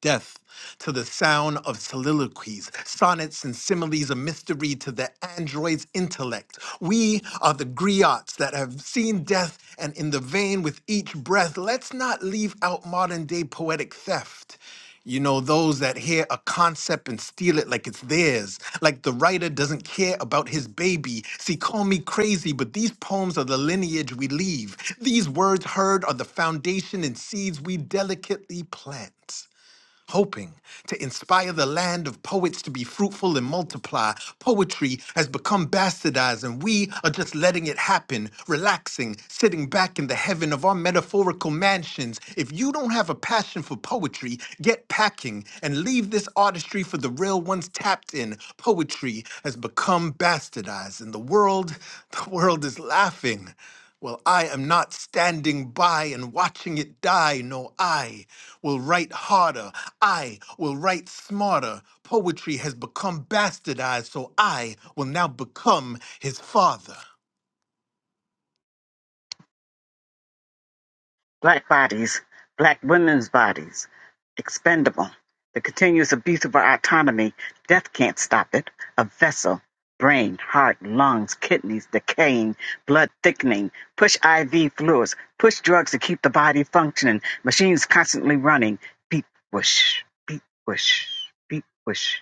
[SPEAKER 4] death to the sound of soliloquies, sonnets, and similes, a mystery to the android's intellect. We are the griots that have seen death, and in the vein with each breath, let's not leave out modern day poetic theft. You know, those that hear a concept and steal it like it's theirs, like the writer doesn't care about his baby. See, call me crazy, but these poems are the lineage we leave. These words heard are the foundation and seeds we delicately plant hoping to inspire the land of poets to be fruitful and multiply. Poetry has become bastardized, and we are just letting it happen, relaxing, sitting back in the heaven of our metaphorical mansions. If you don't have a passion for poetry, get packing and leave this artistry for the real ones tapped in. Poetry has become bastardized, and the world, *laughs* the world is laughing. Well, I am not standing by and watching it die. No, I will write harder. I will write smarter. Poetry has become bastardized, so I will now become his father.
[SPEAKER 6] Black bodies, black women's bodies, expendable. The continuous abuse of our autonomy. Death can't stop it. A vessel, brain, heart, lungs, kidneys decaying, blood thickening. Push IV fluids. Push drugs to keep the body functioning. Machines constantly running. Beat whoosh, beat whoosh, beat whoosh.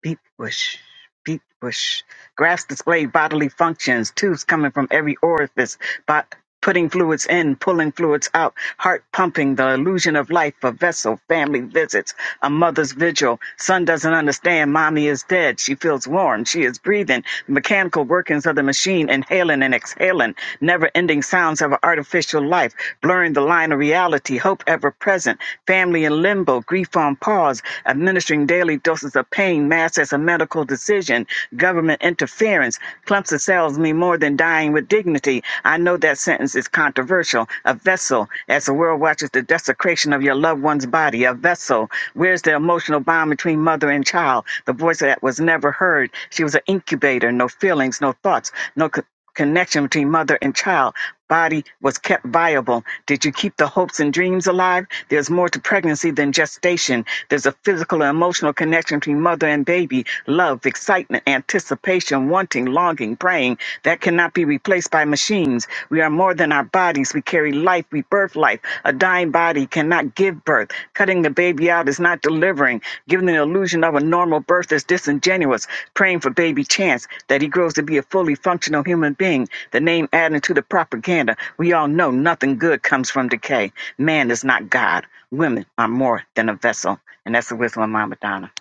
[SPEAKER 6] Beep bush, beep bush. Graphs display bodily functions, tubes coming from every orifice, but putting fluids in, pulling fluids out, heart pumping, the illusion of life, a vessel, family visits, a mother's vigil. Son doesn't understand, mommy is dead. She feels warm, she is breathing, the mechanical workings of the machine, inhaling and exhaling, never ending sounds of an artificial life, blurring the line of reality, hope ever present, family in limbo, grief on pause, administering daily doses of pain pain masked as a medical decision, government interference. clumps of cells mean more than dying with dignity. I know that sentence is controversial. A vessel, as the world watches the desecration of your loved one's body, a vessel. Where's the emotional bond between mother and child? The voice that was never heard. She was an incubator, no feelings, no thoughts, no connection between mother and child body was kept viable did you keep the hopes and dreams alive there's more to pregnancy than gestation there's a physical and emotional connection between mother and baby love excitement anticipation wanting longing praying that cannot be replaced by machines we are more than our bodies we carry life we birth life a dying body cannot give birth. Cutting the baby out is not delivering. Giving the illusion of a normal birth is disingenuous. Praying for baby chance that he grows to be a fully functional human being. The name adding to the propaganda. We all know nothing good comes from decay. Man is not God. Women are more than a vessel. And that's the wisdom of Mama Donna.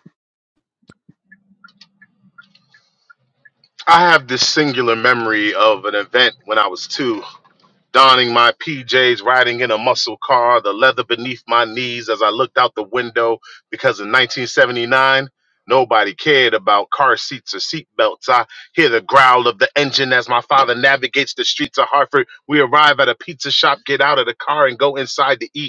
[SPEAKER 1] I have this singular memory of an event when I was two. donning my PJs, riding in a muscle car, the leather beneath my knees as I looked out the window because in 1979, nobody cared about car seats or seat belts. I hear the growl of the engine as my father navigates the streets of Hartford. We arrive at a pizza shop, get out of the car, and go inside to eat.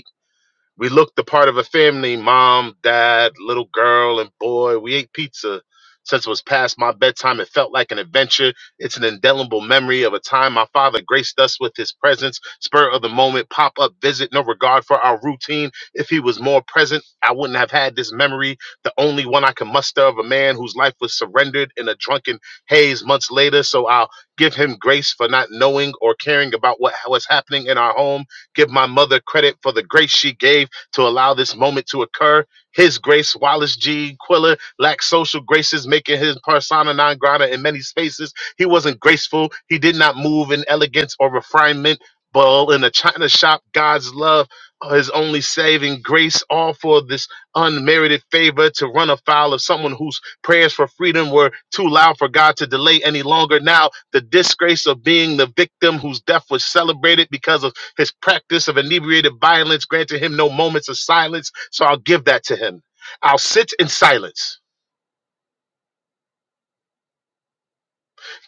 [SPEAKER 1] We looked the part of a family mom, dad, little girl, and boy. We ate pizza. Since it was past my bedtime, it felt like an adventure. It's an indelible memory of a time my father graced us with his presence, spur of the moment, pop up visit, no regard for our routine. If he was more present, I wouldn't have had this memory, the only one I can muster of a man whose life was surrendered in a drunken haze months later. So I'll give him grace for not knowing or caring about what was happening in our home give my mother credit for the grace she gave to allow this moment to occur. His grace, Wallace G. Quiller, lacked social graces, making his persona non grata in many spaces. He wasn't graceful. He did not move in elegance or refinement. But all in a china shop, God's love, uh, his only saving grace, all for this unmerited favor to run afoul of someone whose prayers for freedom were too loud for God to delay any longer. Now, the disgrace of being the victim whose death was celebrated because of his practice of inebriated violence granted him no moments of silence, so I'll give that to him. I'll sit in silence.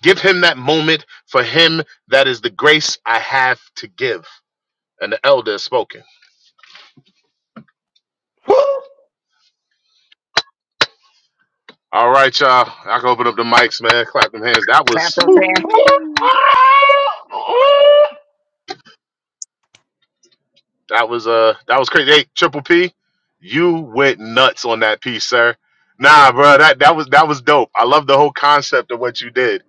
[SPEAKER 1] Give him that moment for him. That is the grace I have to give. And the elder has spoken. All right, y'all. I can open up the mics, man. Clap them hands. That
[SPEAKER 6] Clap
[SPEAKER 1] was
[SPEAKER 6] those
[SPEAKER 1] whew,
[SPEAKER 6] hands.
[SPEAKER 1] that was uh that was crazy. Hey, Triple P, you went nuts on that piece, sir. Nah, bro, that that was that was dope. I love the whole concept of what you did.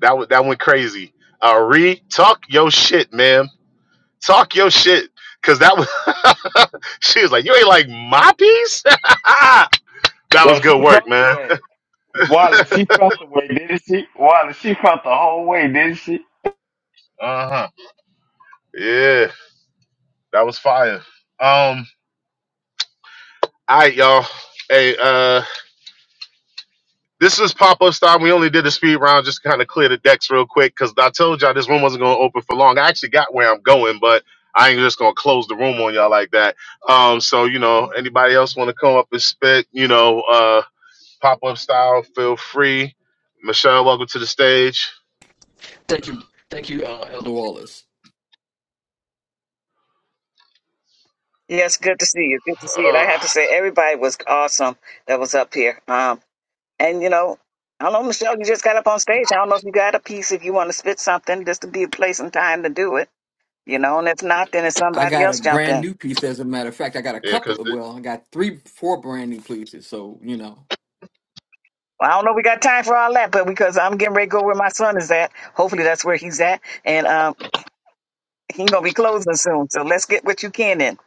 [SPEAKER 1] That was that went crazy. Uh, re talk your shit, man. Talk your shit, cause that was. *laughs* she was like, "You ain't like my piece." *laughs* that
[SPEAKER 7] Yo,
[SPEAKER 1] was
[SPEAKER 7] she
[SPEAKER 1] good work,
[SPEAKER 7] felt the
[SPEAKER 1] man.
[SPEAKER 7] way. Wally, she felt the way, didn't she? Wally, she felt the whole way, didn't she?
[SPEAKER 1] Uh huh. Yeah, that was fire. Um, all right, y'all. Hey, uh, this is pop up time. We only did the speed round just to kind of clear the decks real quick because I told y'all this room wasn't gonna open for long. I actually got where I'm going, but I ain't just gonna close the room on y'all like that. Um, so you know, anybody else want to come up and spit? You know, uh Pop up style, feel free. Michelle, welcome to the stage.
[SPEAKER 9] Thank you, thank you, uh, Elder Wallace.
[SPEAKER 6] Yes, good to see you. Good to see it. I
[SPEAKER 1] Uh,
[SPEAKER 6] have to say, everybody was awesome that was up here. Um, And you know, I don't know, Michelle, you just got up on stage. I don't know if you got a piece if you want to spit something, just to be a place and time to do it. You know, and if not, then it's
[SPEAKER 9] I
[SPEAKER 6] somebody
[SPEAKER 9] got a
[SPEAKER 6] else jump
[SPEAKER 9] brand
[SPEAKER 6] in.
[SPEAKER 9] new piece. As a matter of fact, I got a
[SPEAKER 1] yeah, because
[SPEAKER 9] couple. Of, well, I got three, four brand new pieces. So you know,
[SPEAKER 6] Well, I don't know if we got time for all that, but because I'm getting ready to go where my son is at. Hopefully that's where he's at. And um he's gonna be closing soon. So let's get what you can in.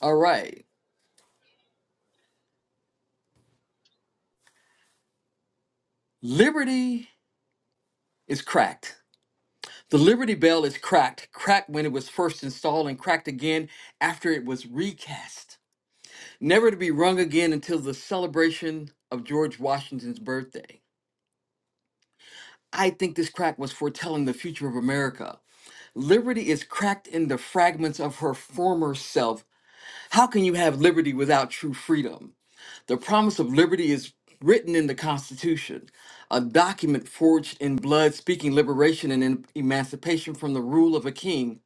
[SPEAKER 9] all right. Liberty is cracked. The Liberty Bell is cracked. Cracked when it was first installed, and cracked again after it was recast. Never to be rung again until the celebration of George Washington's birthday. I think this crack was foretelling the future of America. Liberty is cracked in the fragments of her former self How can you have liberty without true freedom? The promise of liberty is written in the Constitution, a document forged in blood speaking liberation and em- emancipation from the rule of a king.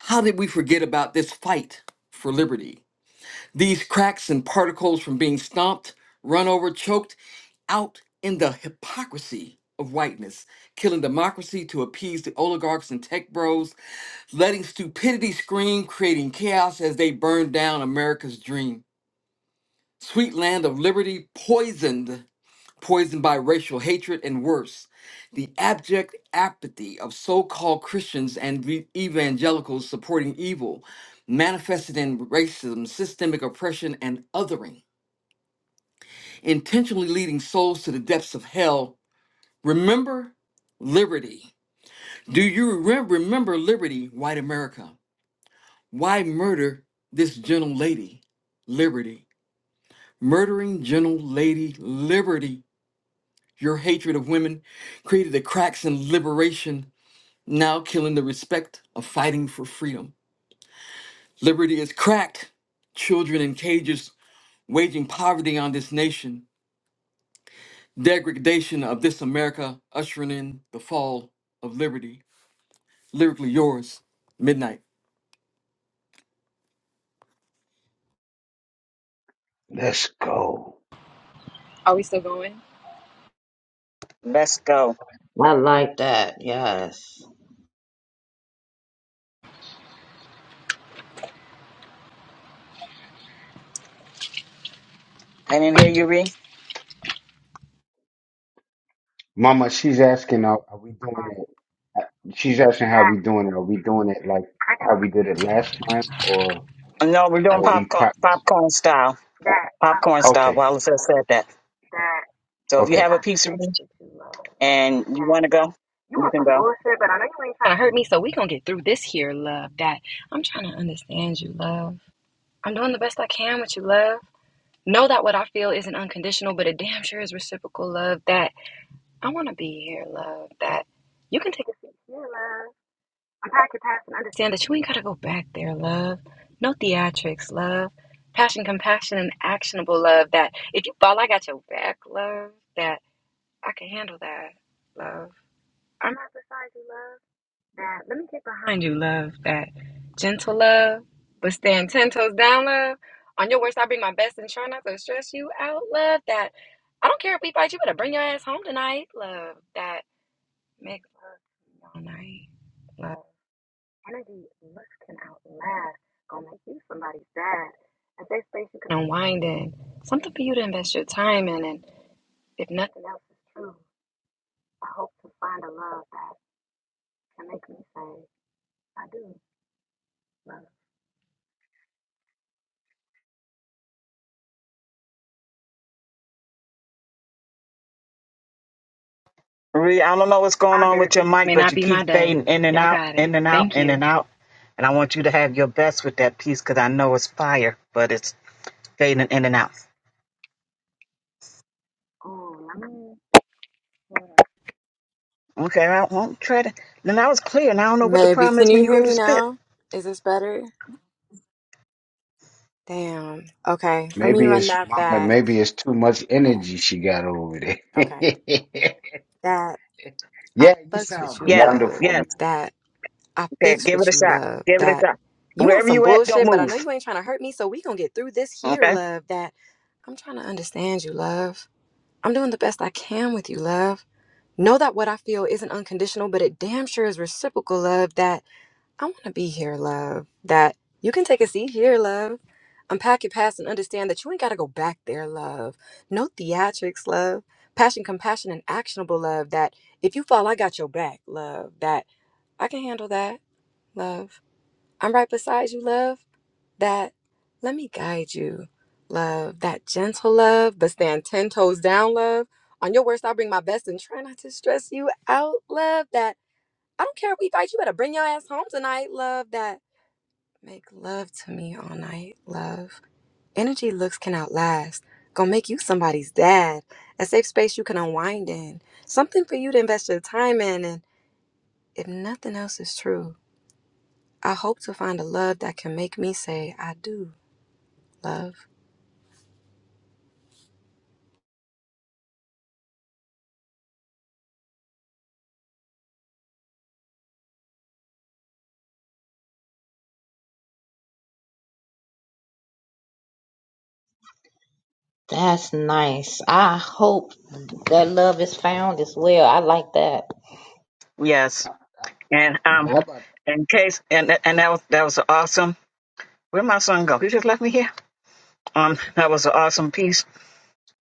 [SPEAKER 9] How did we forget about this fight for liberty? These cracks and particles from being stomped, run over, choked out in the hypocrisy of whiteness, killing democracy to appease the oligarchs and tech bros, letting stupidity scream, creating chaos as they burn down America's dream. Sweet land of liberty poisoned, poisoned by racial hatred and worse. The abject apathy of so called Christians and re- evangelicals supporting evil manifested in racism, systemic oppression, and othering, intentionally leading souls to the depths of hell. Remember liberty. Do you re- remember liberty, white America? Why murder this gentle lady, liberty? Murdering gentle lady, liberty Your hatred of women created the cracks in liberation, now killing the respect of fighting for freedom. Liberty is cracked. Children in cages waging poverty on this nation. Degradation of this America ushering in the fall of liberty. Lyrically yours, Midnight.
[SPEAKER 7] Let's go.
[SPEAKER 8] Are we still going?
[SPEAKER 6] Let's go.
[SPEAKER 10] I like that. Yes.
[SPEAKER 6] And in here you read?
[SPEAKER 7] Mama, she's asking, are, are we doing it? uh, She's asking how we doing it. Are we doing it like how we did it last time, or
[SPEAKER 6] No, we're doing
[SPEAKER 8] Okay.
[SPEAKER 7] are we
[SPEAKER 6] popcorn
[SPEAKER 7] pop?
[SPEAKER 6] popcorn style.
[SPEAKER 8] That I
[SPEAKER 6] Popcorn
[SPEAKER 8] fucks
[SPEAKER 6] style.
[SPEAKER 8] with
[SPEAKER 7] Okay,
[SPEAKER 8] you,
[SPEAKER 6] Wallace has
[SPEAKER 8] love.
[SPEAKER 6] said that.
[SPEAKER 8] That
[SPEAKER 6] So if you
[SPEAKER 7] okay.
[SPEAKER 6] have a
[SPEAKER 8] I
[SPEAKER 6] piece of
[SPEAKER 8] sex
[SPEAKER 6] read
[SPEAKER 8] with you, love.
[SPEAKER 6] and you
[SPEAKER 8] That
[SPEAKER 6] wanna go,
[SPEAKER 8] you
[SPEAKER 6] you
[SPEAKER 8] want
[SPEAKER 6] can
[SPEAKER 8] some
[SPEAKER 6] go.
[SPEAKER 8] bullshit, but I know you ain't trying to hurt me, so we gonna get through this here, love. That I'm trying to understand you, love. I'm doing the best I can with you, love. Know that what I feel isn't unconditional, but it damn sure is reciprocal, love. That I wanna be here, love. That you can take a seat here, love. I'm back your past and understand that you ain't gotta go back there, love. No theatrics, love. Passion, compassion, and actionable love. That if you fall, I got your back, love. That I can handle that, love. I'm not beside you, love. That let me get behind you, love. That gentle love, but stand ten toes down, love. On your worst, I bring my best and try not to stress you out, love. That I don't care if we fight, you better bring your ass home tonight, love. That make love all night, love. Energy looks can outlast. Gonna make you somebody sad. A safe space you can unwind in. Something for you to invest your time in, and if nothing else is true, I hope to find a love that can make me say.
[SPEAKER 6] Ree, I don't know what's going on with your mic,
[SPEAKER 8] May
[SPEAKER 6] but
[SPEAKER 8] not
[SPEAKER 6] you
[SPEAKER 8] be
[SPEAKER 6] keep
[SPEAKER 8] my day.
[SPEAKER 6] fading in and
[SPEAKER 8] Y'all
[SPEAKER 6] out,
[SPEAKER 8] got it.
[SPEAKER 6] in and out,
[SPEAKER 8] Thank
[SPEAKER 6] in
[SPEAKER 8] you.
[SPEAKER 6] and out. And I want you to have your best with that piece because I know it's fire, but it's fading in and out. Okay, I won't try to. Then that was clear, and I don't know what the
[SPEAKER 8] Maybe.
[SPEAKER 6] problem
[SPEAKER 8] Can
[SPEAKER 6] is when
[SPEAKER 8] you
[SPEAKER 6] you
[SPEAKER 8] hear
[SPEAKER 6] go to
[SPEAKER 8] me
[SPEAKER 6] spit.
[SPEAKER 8] now? Is this better? Damn. Okay. Let me
[SPEAKER 7] Maybe
[SPEAKER 8] run
[SPEAKER 7] it's
[SPEAKER 8] that
[SPEAKER 7] Mama.
[SPEAKER 8] back.
[SPEAKER 7] Maybe it's too much
[SPEAKER 8] All right.
[SPEAKER 7] energy she got over
[SPEAKER 8] Okay.
[SPEAKER 7] there. *laughs*
[SPEAKER 8] That I
[SPEAKER 7] Yeah, you
[SPEAKER 8] fucks
[SPEAKER 7] sound
[SPEAKER 8] with you,
[SPEAKER 6] Yes,
[SPEAKER 8] love.
[SPEAKER 7] wonderful.
[SPEAKER 6] yes.
[SPEAKER 8] That I
[SPEAKER 6] Okay,
[SPEAKER 8] fix
[SPEAKER 6] give it
[SPEAKER 8] with
[SPEAKER 6] a
[SPEAKER 8] you,
[SPEAKER 6] shot.
[SPEAKER 8] love.
[SPEAKER 6] Give it a
[SPEAKER 8] That
[SPEAKER 6] shot.
[SPEAKER 8] you want
[SPEAKER 6] Wherever
[SPEAKER 8] some
[SPEAKER 6] you at, don't
[SPEAKER 8] bullshit, but I know
[SPEAKER 6] move.
[SPEAKER 8] you ain't trying to hurt me, so we gonna get through this here,
[SPEAKER 6] Okay.
[SPEAKER 8] love. That I'm trying to understand you, love. I'm doing the best I can with you, love. Know that what I feel isn't unconditional, but it damn sure is reciprocal, love. That I want to be here, love. That you can take a seat here, love. Unpack your past and understand that you ain't got to go back there, love. No theatrics, love. Passion, compassion, and actionable love. That if you fall, I got your back, love. That I can handle that, love. I'm right beside you, love. That let me guide you, love. That gentle love, but stand 10 toes down, love. On your worst, I'll bring my best and try not to stress you out, love. That I don't care if we fight, you better bring your ass home tonight, love. That Make love to me all night, love. Energy looks can outlast. Gonna make you somebody's dad. A safe space you can unwind in. Something for you to invest your time in. And if nothing else is true, I hope to find a love that can make me say, I do love.
[SPEAKER 10] That's nice. I hope that love is found as well. I like that.
[SPEAKER 6] Yes.
[SPEAKER 7] Uh,
[SPEAKER 6] And
[SPEAKER 7] Yeah,
[SPEAKER 6] um,
[SPEAKER 7] how about
[SPEAKER 6] in case and and that was that was awesome. Where my son go? He just left me here. Um, that was an awesome piece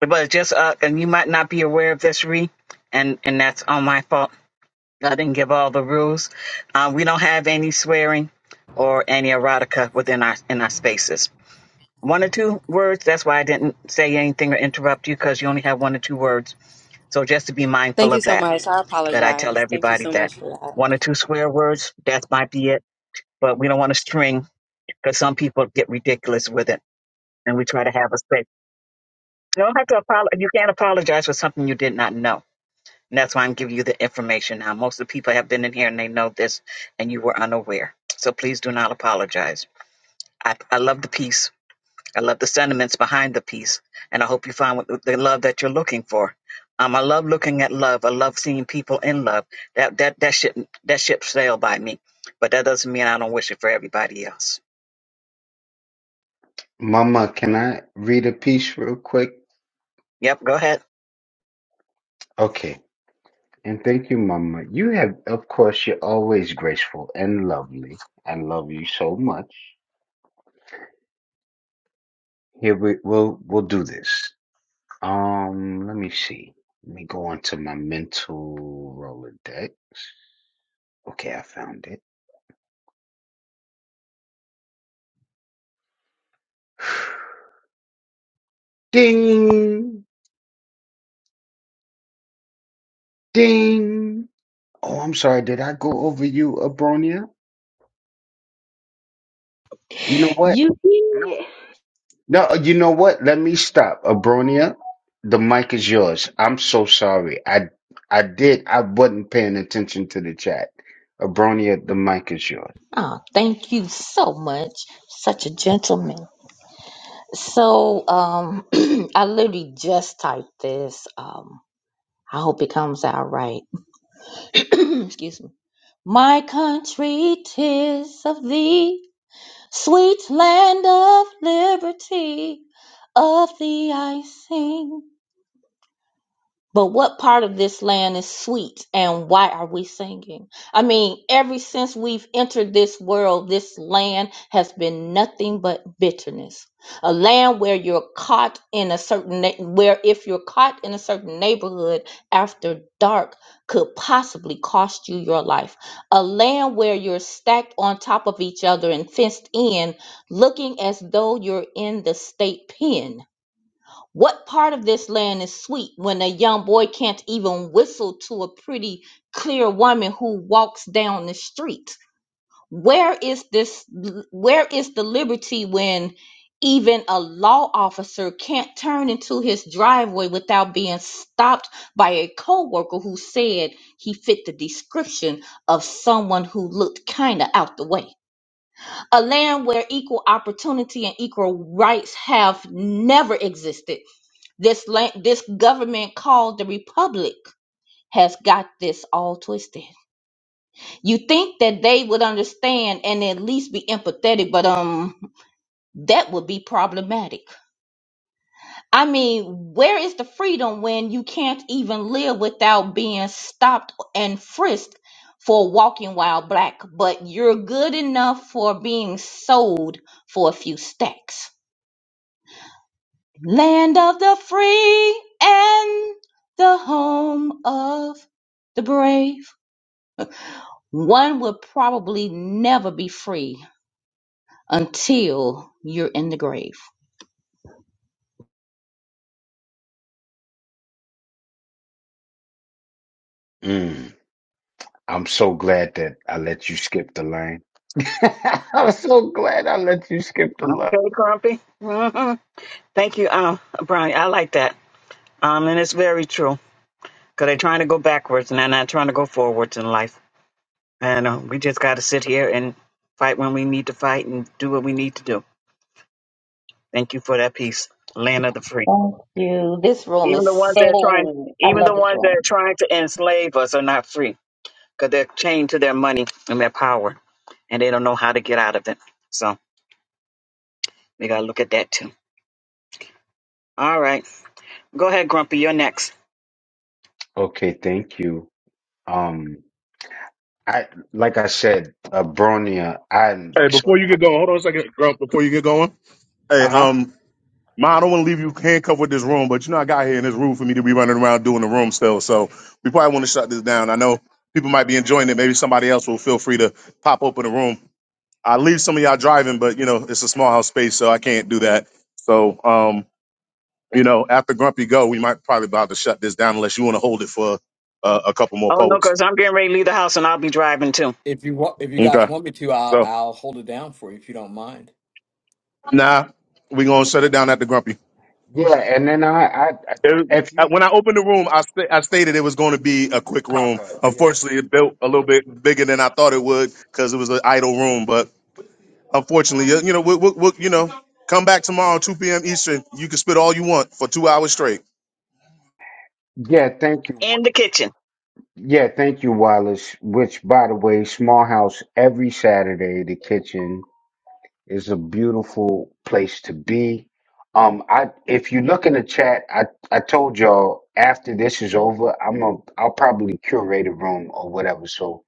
[SPEAKER 6] But just uh, and you might not be aware of this, Ree, and and that's on my fault. I didn't give all the rules. Um, we don't have any swearing or any erotica within our in our spaces. One or two words. That's why I didn't say anything or interrupt you because you only have one or two words. So just to be
[SPEAKER 8] Thank
[SPEAKER 6] mindful
[SPEAKER 8] you
[SPEAKER 6] of
[SPEAKER 8] so
[SPEAKER 6] that.
[SPEAKER 8] much. I
[SPEAKER 6] That I tell
[SPEAKER 8] apologize. Thank you
[SPEAKER 6] everybody
[SPEAKER 8] so
[SPEAKER 6] that
[SPEAKER 8] much for that.
[SPEAKER 6] one or two swear words. That might be it. But we don't want to string because some people get ridiculous with it, and we try to have a space. You don't have to apologize. You can't apologize for something you did not know And that's why I'm giving you the information now. Most of the people have been in here and they know this, and you were unaware. So please do not apologize. I, I love the piece. I love the sentiments behind the piece, and I hope you find what, the love that you're looking for. Um, I love looking at love. I love seeing people in love. That that that ship that ship sailed by me, but that doesn't mean I don't wish it for everybody else.
[SPEAKER 7] Mama? Can I read a piece real quick?
[SPEAKER 6] Yep, go ahead.
[SPEAKER 7] Okay. And thank you, Mama. You have, of course, you're always graceful and lovely. I love you so much. Here we we'll we'll do this. Um, let me see. Let me go onto my mental Rolodex. Okay, I found it. *sighs* Ding, ding. Oh, I'm sorry. Did I go over you, Abronia? You know what?
[SPEAKER 10] You
[SPEAKER 7] No.
[SPEAKER 10] did.
[SPEAKER 7] No, you know what? Let me stop. Abronia, the mic is yours. I'm so sorry. I I did I wasn't paying attention to the chat. Abronia, the mic is yours.
[SPEAKER 10] Oh, thank you so much. Such a gentleman. So, um, *clears throat* I literally just typed this. Um, I hope it comes out right. *clears throat* Excuse me. My country, 'tis of thee, sweet land of liberty, of thee I sing. But what part of this land is sweet and why are we singing? I mean, ever since we've entered this world, this land has been nothing but bitterness. A land where you're caught in a certain, na- where if you're caught in a certain neighborhood after dark could possibly cost you your life. A land where you're stacked on top of each other and fenced in, looking as though you're in the state pen what part of this land is sweet when a young boy can't even whistle to a pretty, clear woman who walks down the street? Where is this? Where is the liberty when even a law officer can't turn into his driveway without being stopped by a coworker who said he fit the description of someone who looked kind of out the way? A land where equal opportunity and equal rights have never existed this land, this government called the Republic has got this all twisted. You think that they would understand and at least be empathetic, but um, that would be problematic. I mean, where is the freedom when you can't even live without being stopped and frisked for walking while black, but you're good enough for being sold for a few stacks? Land of the free and the home of the brave. One will probably never be free until you're in the grave.
[SPEAKER 7] Mm. I'm so glad that I let you skip the line. *laughs* I'm so glad I let you skip the line.
[SPEAKER 6] Okay, Grumpy. hmm Thank you, um, Brian. I like that. Um, and it's very true. Because they're trying to go backwards and they're not trying to go forwards in life. And uh, we just got to sit here and fight when we need to fight and do what we need to do. Thank you for that peace, land of the free.
[SPEAKER 10] Thank you. This room
[SPEAKER 6] Even
[SPEAKER 10] is
[SPEAKER 6] the ones that are trying,
[SPEAKER 10] so, I
[SPEAKER 6] even
[SPEAKER 10] love
[SPEAKER 6] the
[SPEAKER 10] this
[SPEAKER 6] ones
[SPEAKER 10] room.
[SPEAKER 6] that are trying to enslave us are not free because they're chained to their money and their power, and they don't know how to get out of it. So we gotta look at that too. All right, go ahead, Grumpy. You're next.
[SPEAKER 7] Okay, thank you. Um I like I said, Abronia, I'm
[SPEAKER 1] Hey, before
[SPEAKER 7] so
[SPEAKER 1] you
[SPEAKER 7] glad.
[SPEAKER 1] get going, hold on a second, Grump. Before you get going, hey,
[SPEAKER 7] Uh-huh.
[SPEAKER 1] um, Ma, I don't want to leave you handcuffed with this room, but you know I got here in this room for me to be running around doing the room still, so we probably want to shut this down. I know people might be enjoying it. Maybe somebody else will feel free to pop open the room. I leave some of y'all driving, but you know it's a small house space, so I can't do that. So, um, you know, after Grumpy go, we might probably about to shut this down unless you want to hold it for uh, a couple more
[SPEAKER 6] Oh no,
[SPEAKER 1] poets.
[SPEAKER 6] because I'm getting ready to leave the house and I'll be driving too
[SPEAKER 9] If you want, if you guys
[SPEAKER 1] Okay.
[SPEAKER 9] want me to, I'll
[SPEAKER 1] So
[SPEAKER 9] I'll hold it down for you if you don't mind.
[SPEAKER 1] now we're gonna shut it down at the Grumpy.
[SPEAKER 7] Yeah, and then I I, I
[SPEAKER 1] It,
[SPEAKER 7] if
[SPEAKER 1] uh,
[SPEAKER 7] you
[SPEAKER 1] when I opened the room, I sta- I stated it was going to be a quick
[SPEAKER 7] pop
[SPEAKER 1] room.
[SPEAKER 7] up, yeah.
[SPEAKER 1] Unfortunately, it built a little bit bigger than I thought it would because it was an idle room. But unfortunately, you you know, we'll, we'll, we'll- you know, come back tomorrow, two p.m. Eastern. You can spit all you want for two hours straight.
[SPEAKER 7] Yeah, thank you.
[SPEAKER 6] in the kitchen.
[SPEAKER 7] Yeah, thank you, Wallace. Which, by the way, Small House every Saturday. The kitchen is a beautiful place to be. Um, I if you look in the chat, I I told y'all after this is over, I'm a I'll probably curate a room or whatever. So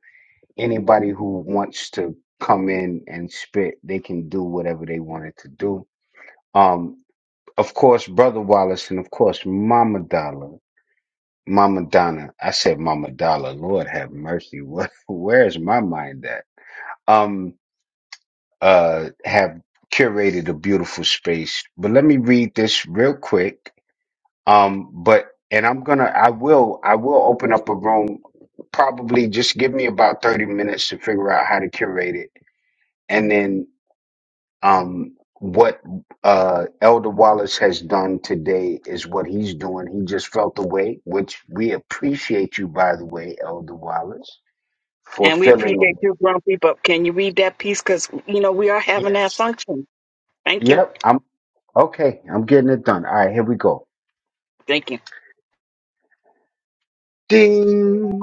[SPEAKER 7] anybody who wants to come in and spit, they can do whatever they wanted to do. Um, of course, Brother Wallace, and of course, Mama Dollar. Mama Donna. I said Mama Dollar. Lord have mercy. *laughs* What, where's my mind at? Um, uh, have curated a beautiful space, but let me read this real quick. Um, but, and I'm gonna, I will, I will open up a room. Probably just give me about 30 minutes to figure out how to curate it. And then um, what uh, Elder Wallace has done today is what he's doing. He just felt the way, which we appreciate you, by the way, Elder Wallace, for
[SPEAKER 6] And we
[SPEAKER 7] filling. a- way.
[SPEAKER 6] appreciate you, Grumpy, but can you read that piece? Because, you know, we are having that
[SPEAKER 7] Yes.
[SPEAKER 6] function. Thank you.
[SPEAKER 7] Yep. I'm okay. I'm getting it done. All right. Here we go.
[SPEAKER 6] Thank you.
[SPEAKER 7] Ding,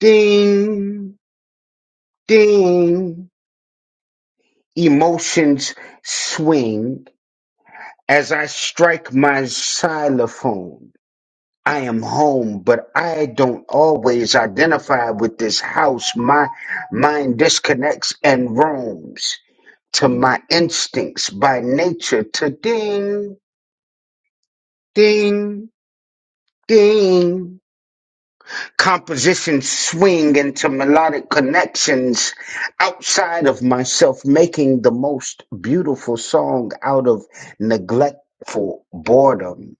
[SPEAKER 7] ding, ding. Emotions swing as I strike my xylophone I am home, but I don't always identify with this house. My mind disconnects and roams to my instincts by nature to ding, ding, ding. Compositions swing into melodic connections outside of myself, making the most beautiful song out of neglectful boredom.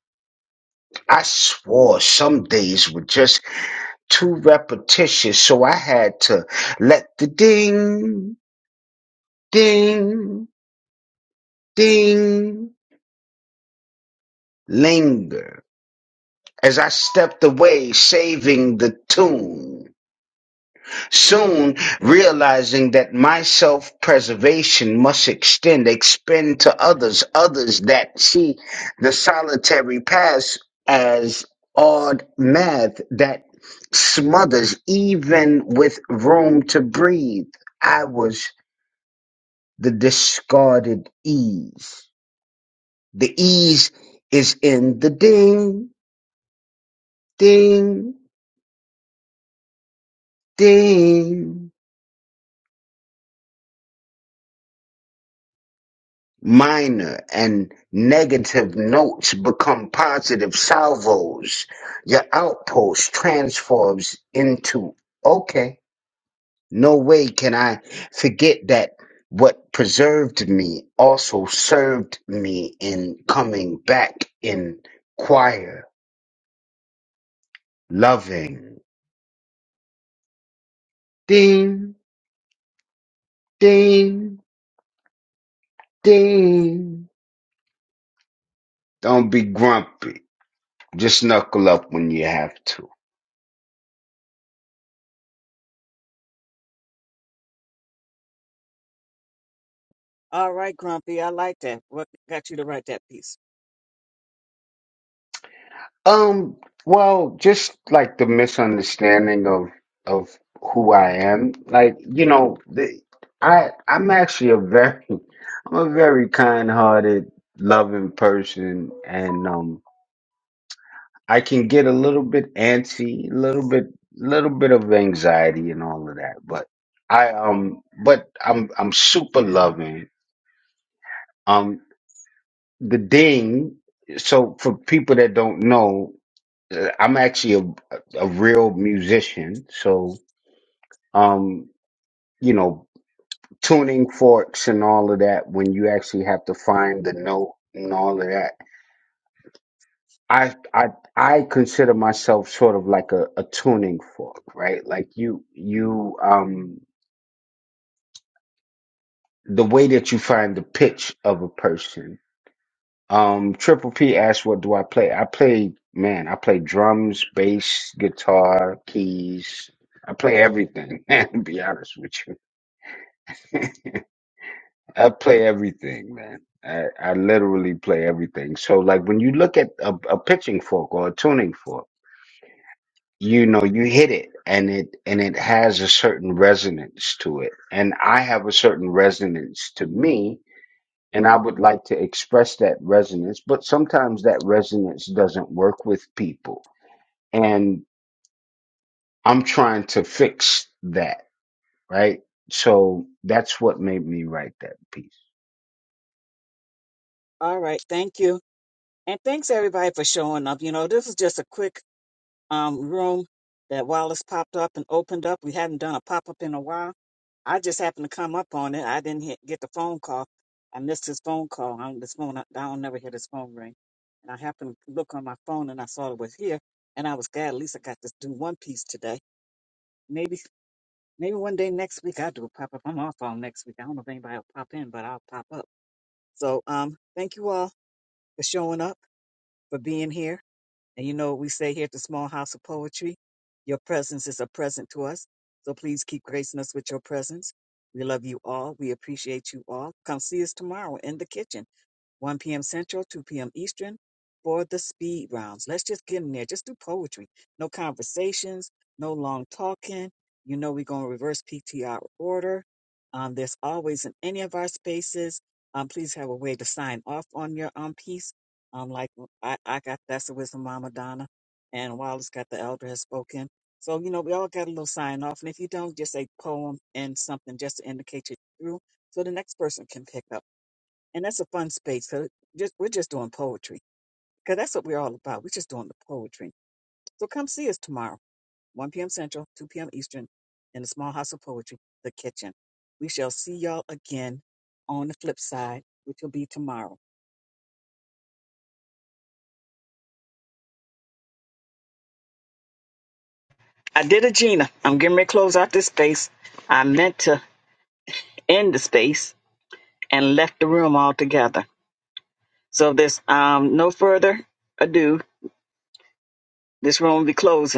[SPEAKER 7] I swore some days would just too repetitious, so I had to let the ding, ding, ding linger as I stepped away, saving the tune. Soon realizing that my self preservation must extend, expend to others, others that see the solitary past as odd math that smothers even with room to breathe. I was the discarded ease. The ease is in the ding, ding, ding. Minor and negative notes become positive salvos. Your outpost transforms into, okay, no way can I forget that what preserved me also served me in coming back in choir, loving. Ding Ding, ding. Don't be grumpy. Just knuckle up when you have to.
[SPEAKER 6] All right, Grumpy. I like that. What got you to write that piece?
[SPEAKER 7] Um, well, just like the misunderstanding of of who I am. Like, you know, the, I I'm actually a very *laughs* I'm a very kind-hearted, loving person and um I can get a little bit antsy, a little bit little bit of anxiety and all of that, but I um but I'm I'm super loving. Um. the ding. So for people that don't know, uh, I'm actually a, a real musician. So, um, you know, tuning forks and all of that. When you actually have to find the note and all of that, I I I consider myself sort of like a, a tuning fork, right? Like you you um the way that you find the pitch of a person Um, Triple P asked, "What do I play?" I play, man. I play drums, bass, guitar, keys. I play everything. *laughs* Man, to be honest with you, I play everything, man. I, I literally play everything. So, like, when you look at a, a pitching fork or a tuning fork, you know, you hit it, and it and it has a certain resonance to it. And I have a certain resonance to me, and I would like to express that resonance. But sometimes that resonance doesn't work with people and I'm trying to fix that, right? So that's what made me write that piece.
[SPEAKER 6] All right. Thank you. And thanks everybody for showing up. You know, this is just a quick um, room that Wallace popped up and opened up. We hadn't done a pop up in a while. I just happened to come up on it. I didn't hit, get the phone call. I missed his phone call. I, this phone, I don't never hear his phone ring. And I happened to look on my phone and I saw it was here. And I was glad at least I got to do one piece today. Maybe, maybe one day next week I'll do a pop up. I'm off all next week. I don't know if anybody will pop in, but I'll pop up. So, um, thank you all for showing up, for being here. And you know what we say here at the Small House of Poetry? Your presence is a present to us. So please keep gracing us with your presence. We love you all. We appreciate you all. Come see us tomorrow in the kitchen, 1 p.m. Central, 2 p.m. Eastern, for the speed rounds. Let's just get in there. Just do poetry. No conversations, no long talking. You know we're going to reverse PTR order. Um, there's always in any of our spaces. Um, please have a way to sign off on your um, piece. Um, like I, I got that's the wisdom Mama Donna, and Wallace got the elder has spoken. So you know we all got a little sign off, and if you don't, just say poem and something just to indicate you're through, so the next person can pick up. And that's a fun space. So just we're just doing poetry because that's what we're all about. We're just doing the poetry. So come see us tomorrow, 1 p.m. Central, 2 p.m. Eastern, in the Small House of Poetry, the kitchen. We shall see y'all again on the flip side, which will be tomorrow. I did it, Gina. I'm getting ready to close out this space. I meant to. in the space and left the room altogether. So if there's um, no further ado, this room will be closing.